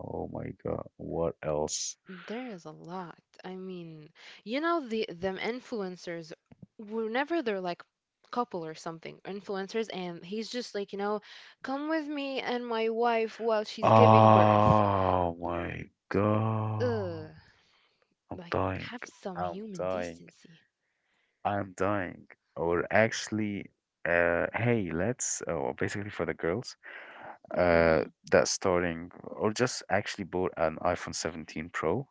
A: oh my God, what else?
B: There is a lot. I mean, you know them influencers, whenever they're like couple or something, influencers, and he's just like, come with me and my wife while she's giving birth.
A: Oh my
B: Ugh,
A: God. I'm
B: like
A: dying.
B: have some
A: I'm
B: human
A: dying.
B: decency.
A: I'm dying. Or actually hey, let's oh basically for the girls uh
B: Mm-hmm.
A: that's starting or just actually bought an iPhone 17 Pro.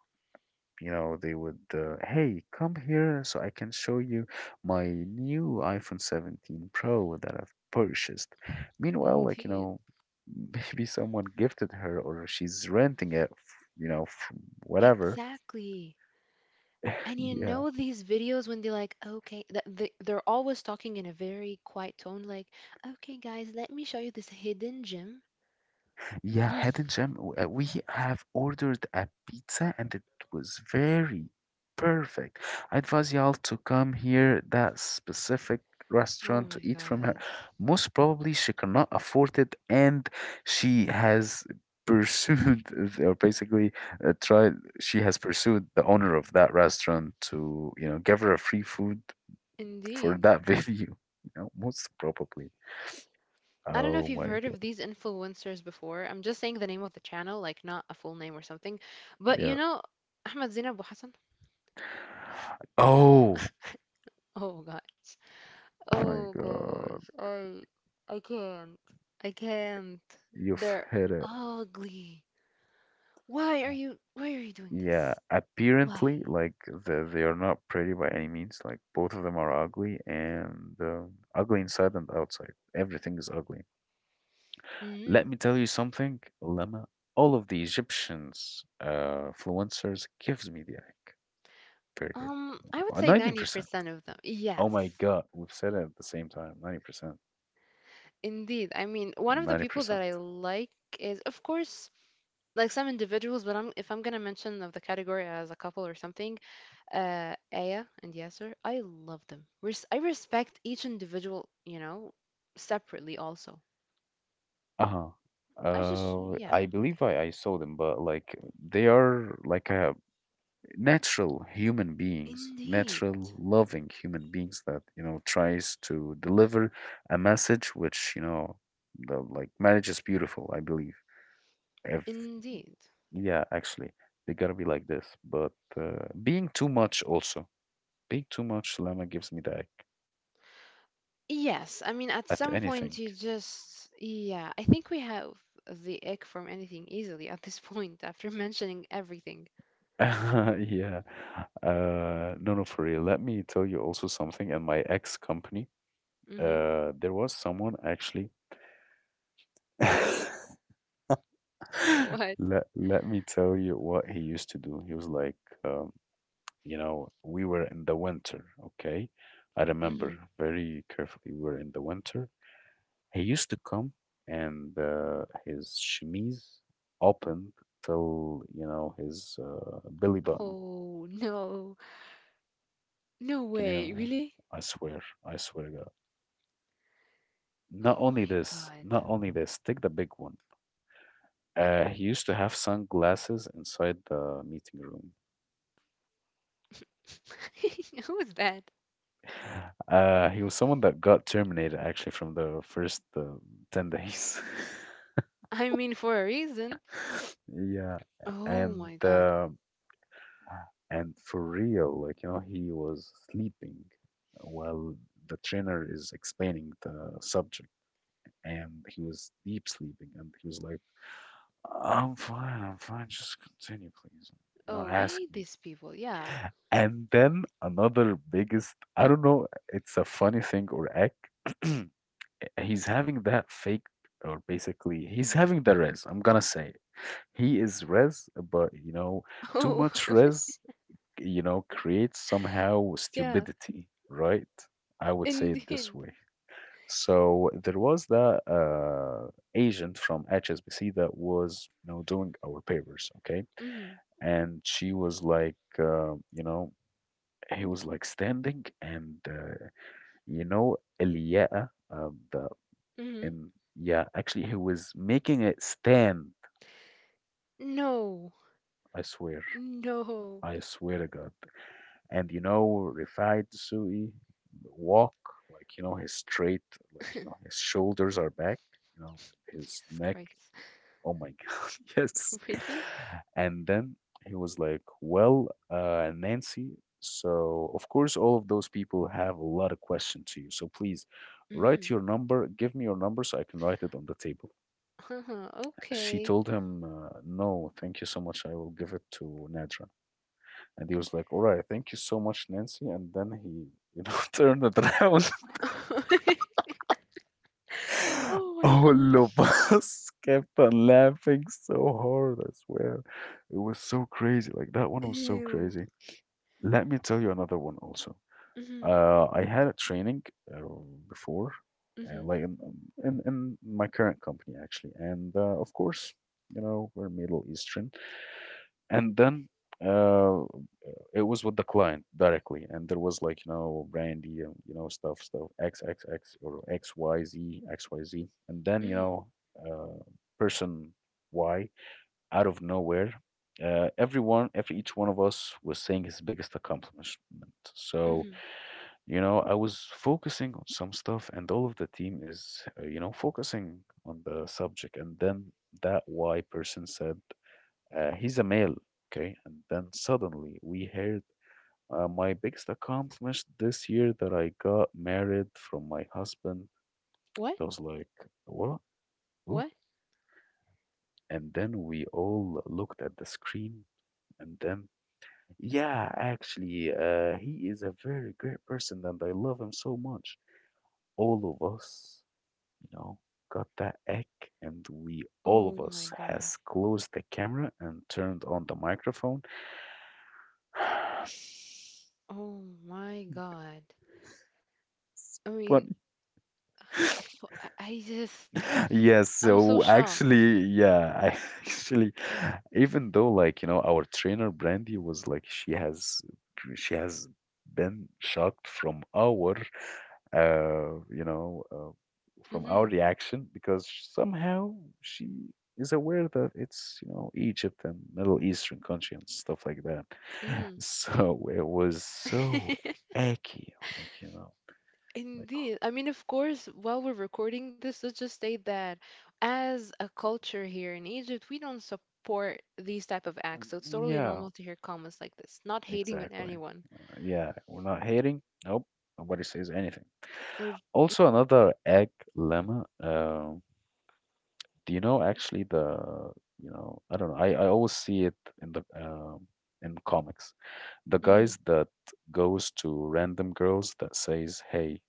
A: You know they would, hey, come here so I can show you my new iphone 17 pro that I've purchased, meanwhile like you
B: Indeed.
A: know. Maybe someone gifted her or she's renting it you know from whatever.
B: Exactly. And you
A: Yeah.
B: know these videos when they're like, okay, they're always talking in a very quiet tone, like, okay, guys, let me show you this hidden gem.
A: Yeah,
B: Hmm.
A: Head and Gem, we have ordered a pizza and it was very perfect. I advise y'all to come here, that specific
B: Oh
A: restaurant, to
B: my
A: eat from her.
B: God.
A: Most probably she cannot afford it and she has pursued, or basically tried, she has pursued the owner of that restaurant to, you know, give her a free food for
B: Indeed.
A: that video, you know, most probably.
B: I don't know if
A: Oh
B: you've
A: my
B: heard of
A: God.
B: these influencers before. I'm just saying the name of the channel, like not a full name or something. But
A: Yeah.
B: you know, Ahmed Zina Abu Hassan?
A: Oh.
B: Oh God.
A: My
B: Oh
A: God,
B: gosh. I can't. I can't.
A: you've
B: They're
A: hit it.
B: ugly. Why are you doing
A: Yeah,
B: this? Why?
A: apparently, like the, they are not pretty by any means. Like both of them are ugly, and ugly inside and outside. Everything is ugly. Let
B: Mm.
A: me tell you something, Lama. All of the Egyptians, influencers gives me the ick. Period.
B: I would say
A: 90%.
B: 90% of them.
A: Oh my
B: Yes,
A: God, we've said it at the same time. 90%.
B: indeed. I mean, one of the
A: Ninety
B: people that I
A: percent.
B: like is, of course, like some individuals, but if I'm gonna mention of the category as a couple or something, Aya and Yasser, I love them. Res I respect each individual, you know, separately also.
A: Uh-huh.
B: I just, yeah,
A: I believe I saw them, but like they are like natural human beings,
B: indeed,
A: natural loving human beings that you know tries to deliver a message which you know the like marriage is beautiful, I believe. If
B: indeed.
A: yeah, actually they gotta be like this, but being too much also being too much, Lama, gives me the ick
B: Yes, I mean, at
A: at
B: some point
A: anything.
B: you just, yeah, I think we have the ick from anything easily at this point after mentioning everything.
A: Yeah. No, no, for real. Let me tell you also something. In my ex company,
B: Mm-hmm.
A: there was someone actually.
B: What?
A: Let me tell you what he used to do. He was like, um, you know, we were in the winter, okay? I
B: Mm-hmm.
A: remember very carefully. We were in the winter. He used to come and his chemise opened till, you know, his belly button.
B: Oh, no. No
A: Can you
B: way.
A: imagine?
B: Really?
A: I swear to God. Not
B: Oh
A: only
B: my
A: this,
B: God.
A: not only this, take the big one. He used to have sunglasses inside the meeting room.
B: Who is that?
A: He was someone that got terminated actually from the first 10 days.
B: I mean, for a reason.
A: Yeah,
B: Oh
A: and
B: my God.
A: for real, like you know, he was sleeping while the trainer is explaining the subject, and he was deep sleeping, and he was like, I'm fine, just continue, please, you know,
B: Oh, I
A: ask
B: hate
A: me."
B: these people. Yeah.
A: And then another biggest, I don't know, it's a funny thing or act. He's having that fake or basically he's
B: Mm.
A: having the res. I'm gonna say it. He is res, but you know, too
B: Oh,
A: much res, you know, creates somehow
B: yeah.
A: stupidity, right? I would say it this
B: Indeed.
A: way. So there was that agent from HSBC that was, you know, doing our papers, okay?
B: Mm-hmm.
A: And she was like, you know, he was like standing and, you know, Eliya'a, the
B: Mm-hmm.
A: and yeah, actually, he was making it stand.
B: No.
A: I swear,
B: No.
A: I swear to God. And you know, Rifai Dessouky walk like you know his straight, like you know his shoulders are back, you know, and his
B: Jesus
A: neck.
B: Christ.
A: Oh my God, yes.
B: Really?
A: And then he was like, "Well, Nancy." So of course, all of those people have a lot of questions to you. So please
B: Mm-hmm.
A: write your number. Give me your number so I can write it on the table.
B: Uh-huh.
A: She
B: Okay.
A: told him, no, thank you so much. I will give it to Nadra. And he was like, all right, thank you so much, Nancy. And then he, you know, turned it around.
B: Oh my
A: All of
B: gosh.
A: us kept on laughing so hard, I swear. It was so crazy. Like, that one was so
B: Ew.
A: crazy. Let me tell you another one also.
B: Mm-hmm.
A: I had a training uh, before,
B: Mm-hmm.
A: like in my current company, actually. And of course, you know, we're Middle Eastern. And then uh, it was with the client directly, and there was like, you know, brandy and, you know, stuff, stuff, XXX or XYZ XYZ, and then, you
B: Mm-hmm.
A: know, uh, person Y out of nowhere, everyone, every each one of us was saying his biggest accomplishment. So,
B: Mm-hmm.
A: you know, I was focusing on some stuff, and all of the team is, you know, focusing on the subject. And then that Y person said, he's a male, okay? And then suddenly we heard my biggest accomplishment this year that I got married from my husband.
B: What?
A: I was like, what?
B: What?
A: Ooh. And then we all looked at the screen and then, yeah, actually, he is a very great person and I love him so much. All of us, you know, got that egg and we, all of
B: Oh my
A: us,
B: God.
A: has closed the camera and turned on the microphone.
B: Oh my God. I mean,
A: But.
B: f- I I just,
A: Yes,
B: I'm so
A: so
B: shocked.
A: actually, yeah, I actually, even though like, you know, our trainer Brandy was like she has been shocked from our uh, you know, uh, from our
B: Mm-hmm.
A: reaction because somehow she is aware that it's, you know, Egypt and Middle Eastern country and stuff like that. So it was so
B: Mm-hmm.
A: icky, like, you know, like,
B: Indeed. I mean, of course, while we're recording this, let's just state that as a culture here in Egypt, we don't support these type of
A: um,
B: acts. So it's totally
A: yeah,
B: normal to hear comments like this, not hating on
A: exactly.
B: anyone.
A: Yeah, we're not hating. Nope, nobody says anything.
B: Or
A: Also, another egg, lemma. Do you know actually the you know I don't know. I always see it in the in comics. The
B: mm,
A: guys that goes to random girls that says hey,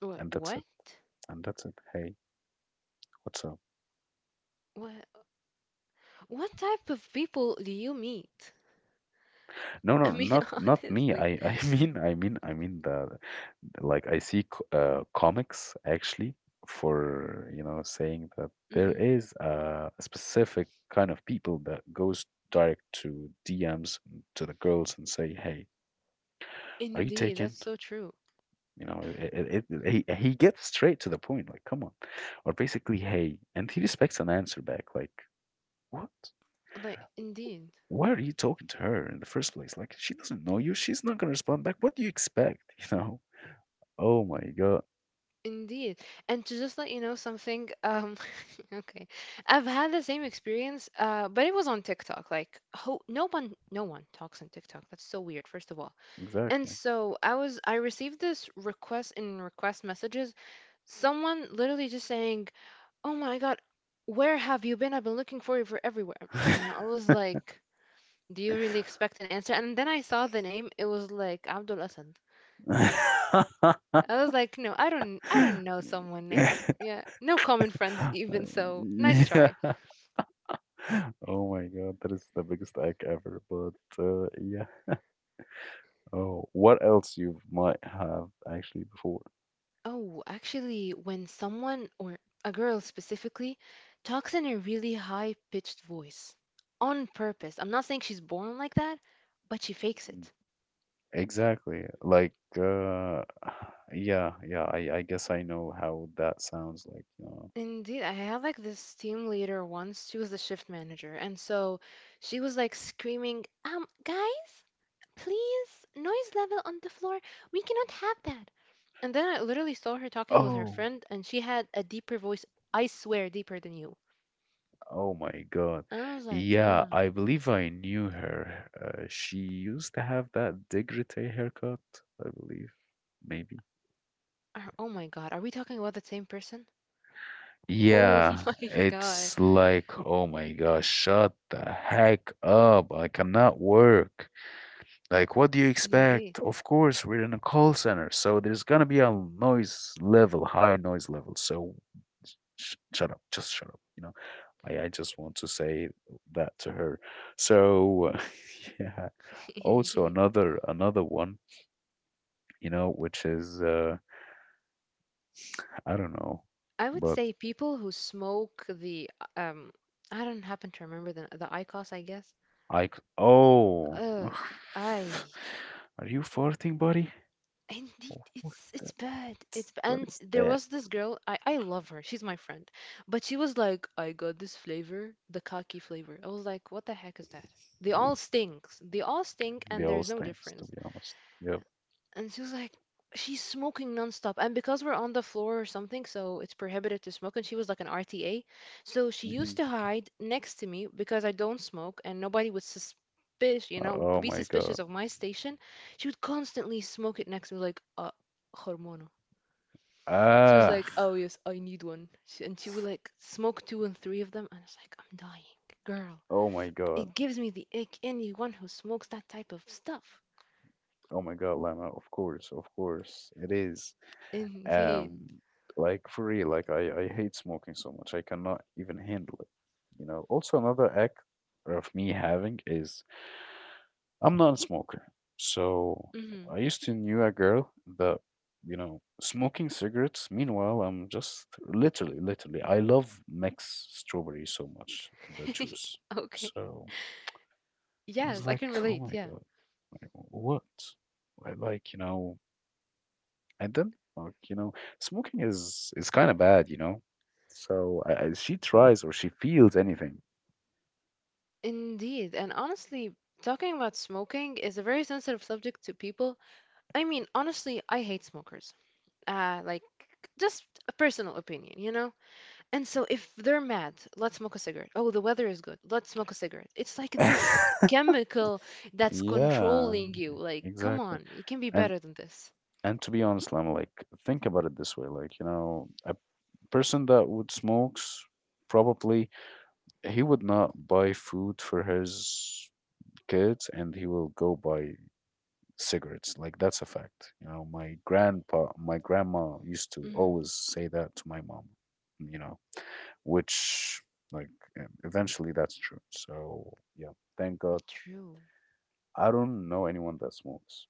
B: what,
A: and that's
B: what?
A: it, and that's it. Hey, what's up?
B: What what type of people do you meet?
A: No, no,
B: I mean,
A: not not me.
B: honestly.
A: I mean the I see comics actually for you know saying that there
B: Hmm.
A: is a specific kind of people that goes direct to DMs to the girls and say, "Hey, are you
B: Indeed, that's
A: taken?"
B: so true.
A: You know, he gets straight to the point. Like, come on, or basically, "Hey," and he respects an answer back. Like, what?
B: Like, indeed.
A: Why are you talking to her in the first place? Like, she doesn't know you. She's not gonna respond back. What do you expect? You know. Oh my god.
B: Indeed. And to just let you know something, okay, I've had the same experience, but it was on TikTok. Like, ho no one talks on TikTok. That's so weird, first of all. And
A: Exactly.
B: so I received this request in request messages, someone literally just saying, "Oh my God, where have you been? I've been looking for you for everywhere." And I was like, "Do you really expect an answer?" And then I saw the name. It was like Abdul Asad. I was like, no, I don't know someone
A: Yeah.
B: named yeah, no common friends even so. Nice try.
A: Oh my god, that is the biggest hack ever. But yeah. Oh, what else you might have actually before?
B: Oh, actually, when someone or a girl specifically talks in a really high-pitched voice on purpose. I'm not saying she's born like that, but she fakes
A: Mhm.
B: it.
A: Exactly. Like yeah, yeah. I guess I know how that sounds like. You know.
B: Indeed, I had like this team leader once. She was the shift manager, and so she was like screaming, guys, please, noise level on the floor. We cannot have that." And then I literally saw her talking with her
A: Oh.
B: friend, and she had a deeper voice, I swear, deeper than you.
A: Oh my God.
B: And I was like,
A: Yeah,
B: mm,
A: I believe I knew her. She used to have that decollete haircut, I believe. Maybe.
B: oh my God, are we talking about the same person? Oh
A: Yeah,
B: my God.
A: it's like, oh my gosh, shut the heck up. I cannot work. Like, what do you
B: Indeed.
A: expect? Of course, we're in a call center, so there's gonna be a noise level, high noise level. So sh shut up, just shut up, you know. I just want to say that to her. So, yeah. Also,
B: Indeed.
A: another one, you know, which is I don't know,
B: I would
A: but
B: say people who smoke um, I don't happen to remember the IQOS, I guess.
A: I c- oh
B: Ugh, I
A: are you farting, buddy?
B: Indeed,
A: What is
B: it's
A: that?
B: bad.
A: What
B: And
A: is
B: there
A: that?
B: was this girl. I love her. She's my friend, but she was like, I got this flavor, the khaki flavor. I was like, what the heck is that? They all stinks. They all stink, and
A: The
B: there's
A: old
B: no
A: things, to
B: difference.
A: be honest. Yep.
B: And she was like, she's smoking nonstop. And because we're on the floor or something, so it's prohibited to smoke. And she was like an RTA. So she
A: Hmm.
B: used to hide next to me because I don't smoke and nobody would suspicious, would be
A: Oh my
B: suspicious
A: god.
B: of my station. She would constantly smoke it next to me, like, hormona. She was
A: Ah.
B: like, oh, yes, I need one. And she would like smoke two and three of them. And I was like, I'm dying, girl.
A: Oh my god.
B: It gives me the ick, anyone who smokes that type of stuff.
A: Oh my god, Lama. Of course, it is. Um,
B: Indeed.
A: like for real, like I hate smoking so much. I cannot even handle it. You know, also another act of me having is I'm not a smoker. So
B: Hmm.
A: I used to knew a girl that, you know, smoking cigarettes. Meanwhile, I'm just literally, literally, I love mix strawberry so much, the juice.
B: Okay.
A: So I was
B: Yes, I
A: like,
B: can
A: oh
B: relate.
A: my
B: Yeah.
A: God, like, what? I like, you know, and then, like, you know, smoking is kind of bad, you know. So I- she tries or she feels anything.
B: Indeed, and honestly, talking about smoking is a very sensitive subject to people. I mean, honestly, I hate smokers. Like, just a personal opinion, you know? And so if they're mad, let's smoke a cigarette. Oh, the weather is good. Let's smoke a cigarette. It's like this chemical that's
A: Yeah,
B: controlling you. Like, come
A: exactly.
B: on, it can be
A: And
B: better than this.
A: and to be honest, Lama, think about it this way, like, you know, I person that would smokes probably he would not buy food for his kids, and he will go buy cigarettes. Like, that's a fact. You know, my grandpa, my grandma used to
B: Mm,
A: always say that to my mom, you know, which, like eventually that's true. So yeah, thank God,
B: true.
A: I don't know anyone that smokes.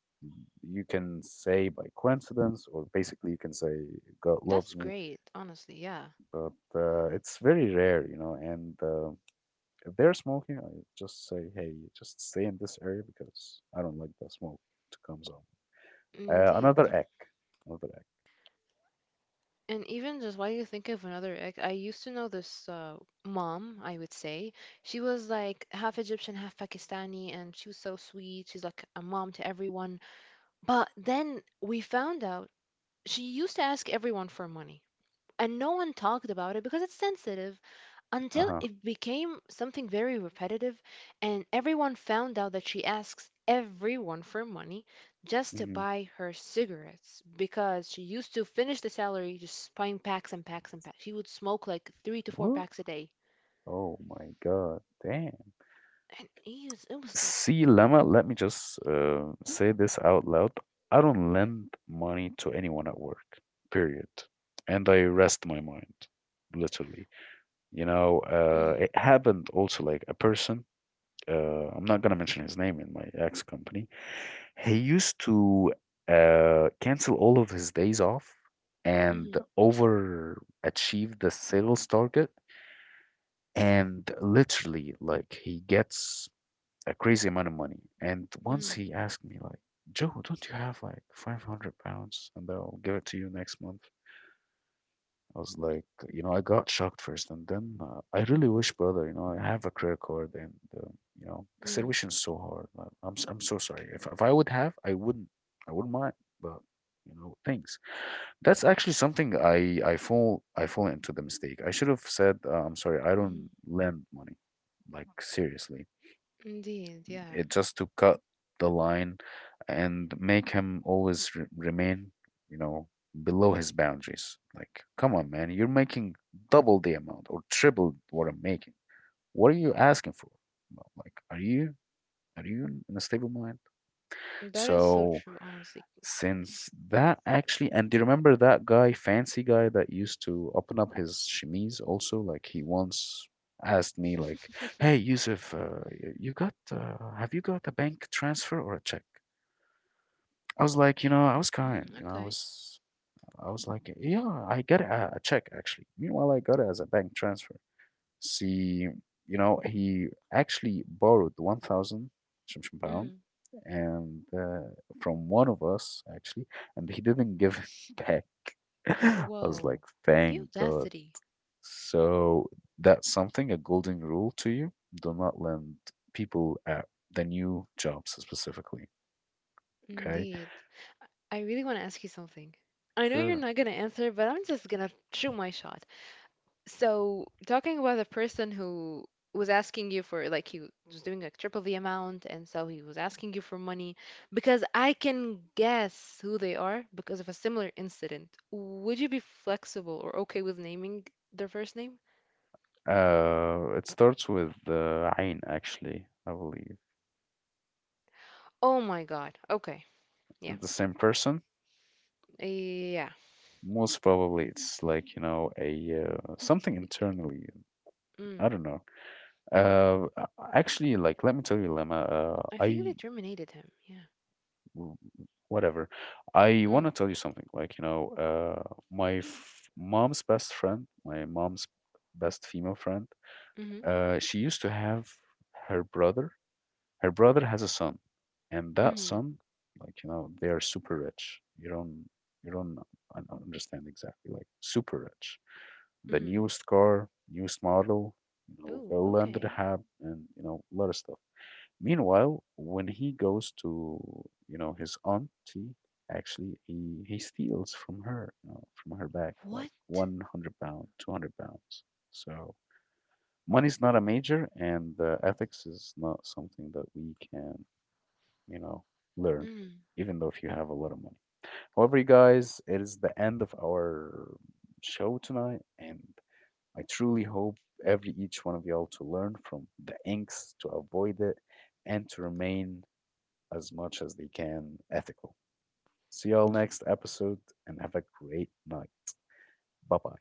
A: You can say by coincidence, or basically you can say God
B: That's
A: loves me.
B: great, honestly, yeah.
A: But it's very rare, you know. And if they're smoking, I just say, hey, just stay in this area because I don't like the smoke to come on.
B: Indeed.
A: Another egg. Another egg.
B: And even just while you think of another ex, I used to know this mom, I would say. She was like half Egyptian, half Pakistani, and she was so sweet. She's like a mom to everyone. But then we found out she used to ask everyone for money and no one talked about it because it's sensitive
A: Uh
B: until
A: huh.
B: it became something very repetitive and everyone found out that she asks everyone for money just to
A: Hmm.
B: buy her cigarettes because she used to finish the salary just buying packs and packs and packs. She would smoke like three to four
A: What?
B: packs a day.
A: Oh my God. Damn.
B: And it was like
A: See, Lemma, let me just say this out loud. I don't lend money to anyone at work, period. And I rest my mind, literally. You know,
B: mm,
A: it happened also, like, a person I'm not gonna mention his name in my ex company. He used to cancel all of his days off and
B: mm,
A: overachieve the sales target. And literally, like, he gets a crazy amount of money. And once
B: mm,
A: he asked me, like, Joe, don't you have like £500 and I'll give it to you next month? I was like, you know, I got shocked first, and then I really wish, brother, you know, I have a credit card, and you know, the
B: mm,
A: situation is so hard. I'm so sorry. If I would have, I wouldn't mind, but, you know, things. That's actually something I fall into the mistake. I should have said, I'm sorry, I
B: mm.
A: don't lend money, like, seriously,
B: Indeed, yeah.
A: it just to cut the line and make him always remain, you know, below his boundaries. Like, come on, man, you're making double the amount or triple what I'm making. What are you asking for? Well, like, are you in a stable mind?
B: That is so
A: So
B: true, honestly.
A: since that actually, and do you remember that guy, fancy guy that used to open up his chemise also? Like, he once asked me, like, "Hey, Yusuf, you got, have you got a bank transfer or a check?" I was like, you know, I was kind,
B: Mm,
A: you know,
B: okay.
A: I was like, yeah, I got a check actually. Meanwhile, I got it as a bank transfer. See, you know, he actually borrowed 1,000
B: Mm.
A: pounds and from one of us actually, and he didn't give it back. I was like,
B: Whoa,
A: thank
B: the
A: God.
B: audacity.
A: So that's something, a golden rule to you. Do not lend people at the new jobs specifically. Okay.
B: Indeed. I really want to ask you something. I know you're
A: Sure.
B: not going to answer, but I'm just going to shoot my shot. So, talking about the person who was asking you for, like, he was doing like triple the amount, and so he was asking you for money, because I can guess who they are because of a similar incident. Would you be flexible or okay with naming their first name?
A: It starts with the ayn actually, I believe.
B: Oh my God. Okay. Yeah.
A: The same person.
B: Eh, yeah.
A: Most probably, it's like, you know, a something internally.
B: Mm.
A: I don't know. Uh, uh, actually, like, let me tell you, Lemma, uh,
B: I think they
A: I,
B: terminated him. Yeah.
A: w- whatever, I want
B: Mm.
A: to tell you something. Like, you know, my f mom's best friend, my mom's best female friend,
B: Mm-hmm.
A: she used to have her brother. Her brother has a son, and that
B: Mm-hmm.
A: son, like, you know, they are super rich. You don't I don't understand exactly, like, super rich. The
B: Mm-hmm.
A: newest car, newest model, you know,
B: Oh,
A: villa under the
B: okay.
A: hab, and, you know, a lot of stuff. Meanwhile, when he goes to, you know, his auntie, actually, he steals from her, you know, from her bag, like
B: What?
A: £100, £200. So money's not a major, and ethics is not something that we can, you know, learn,
B: Mm.
A: even though if you have a lot of money. However, you guys, it is the end of our show tonight, and I truly hope every each one of y'all to learn from the inks to avoid it and to remain as much as they can ethical. See y'all next episode and have a great night. Bye bye.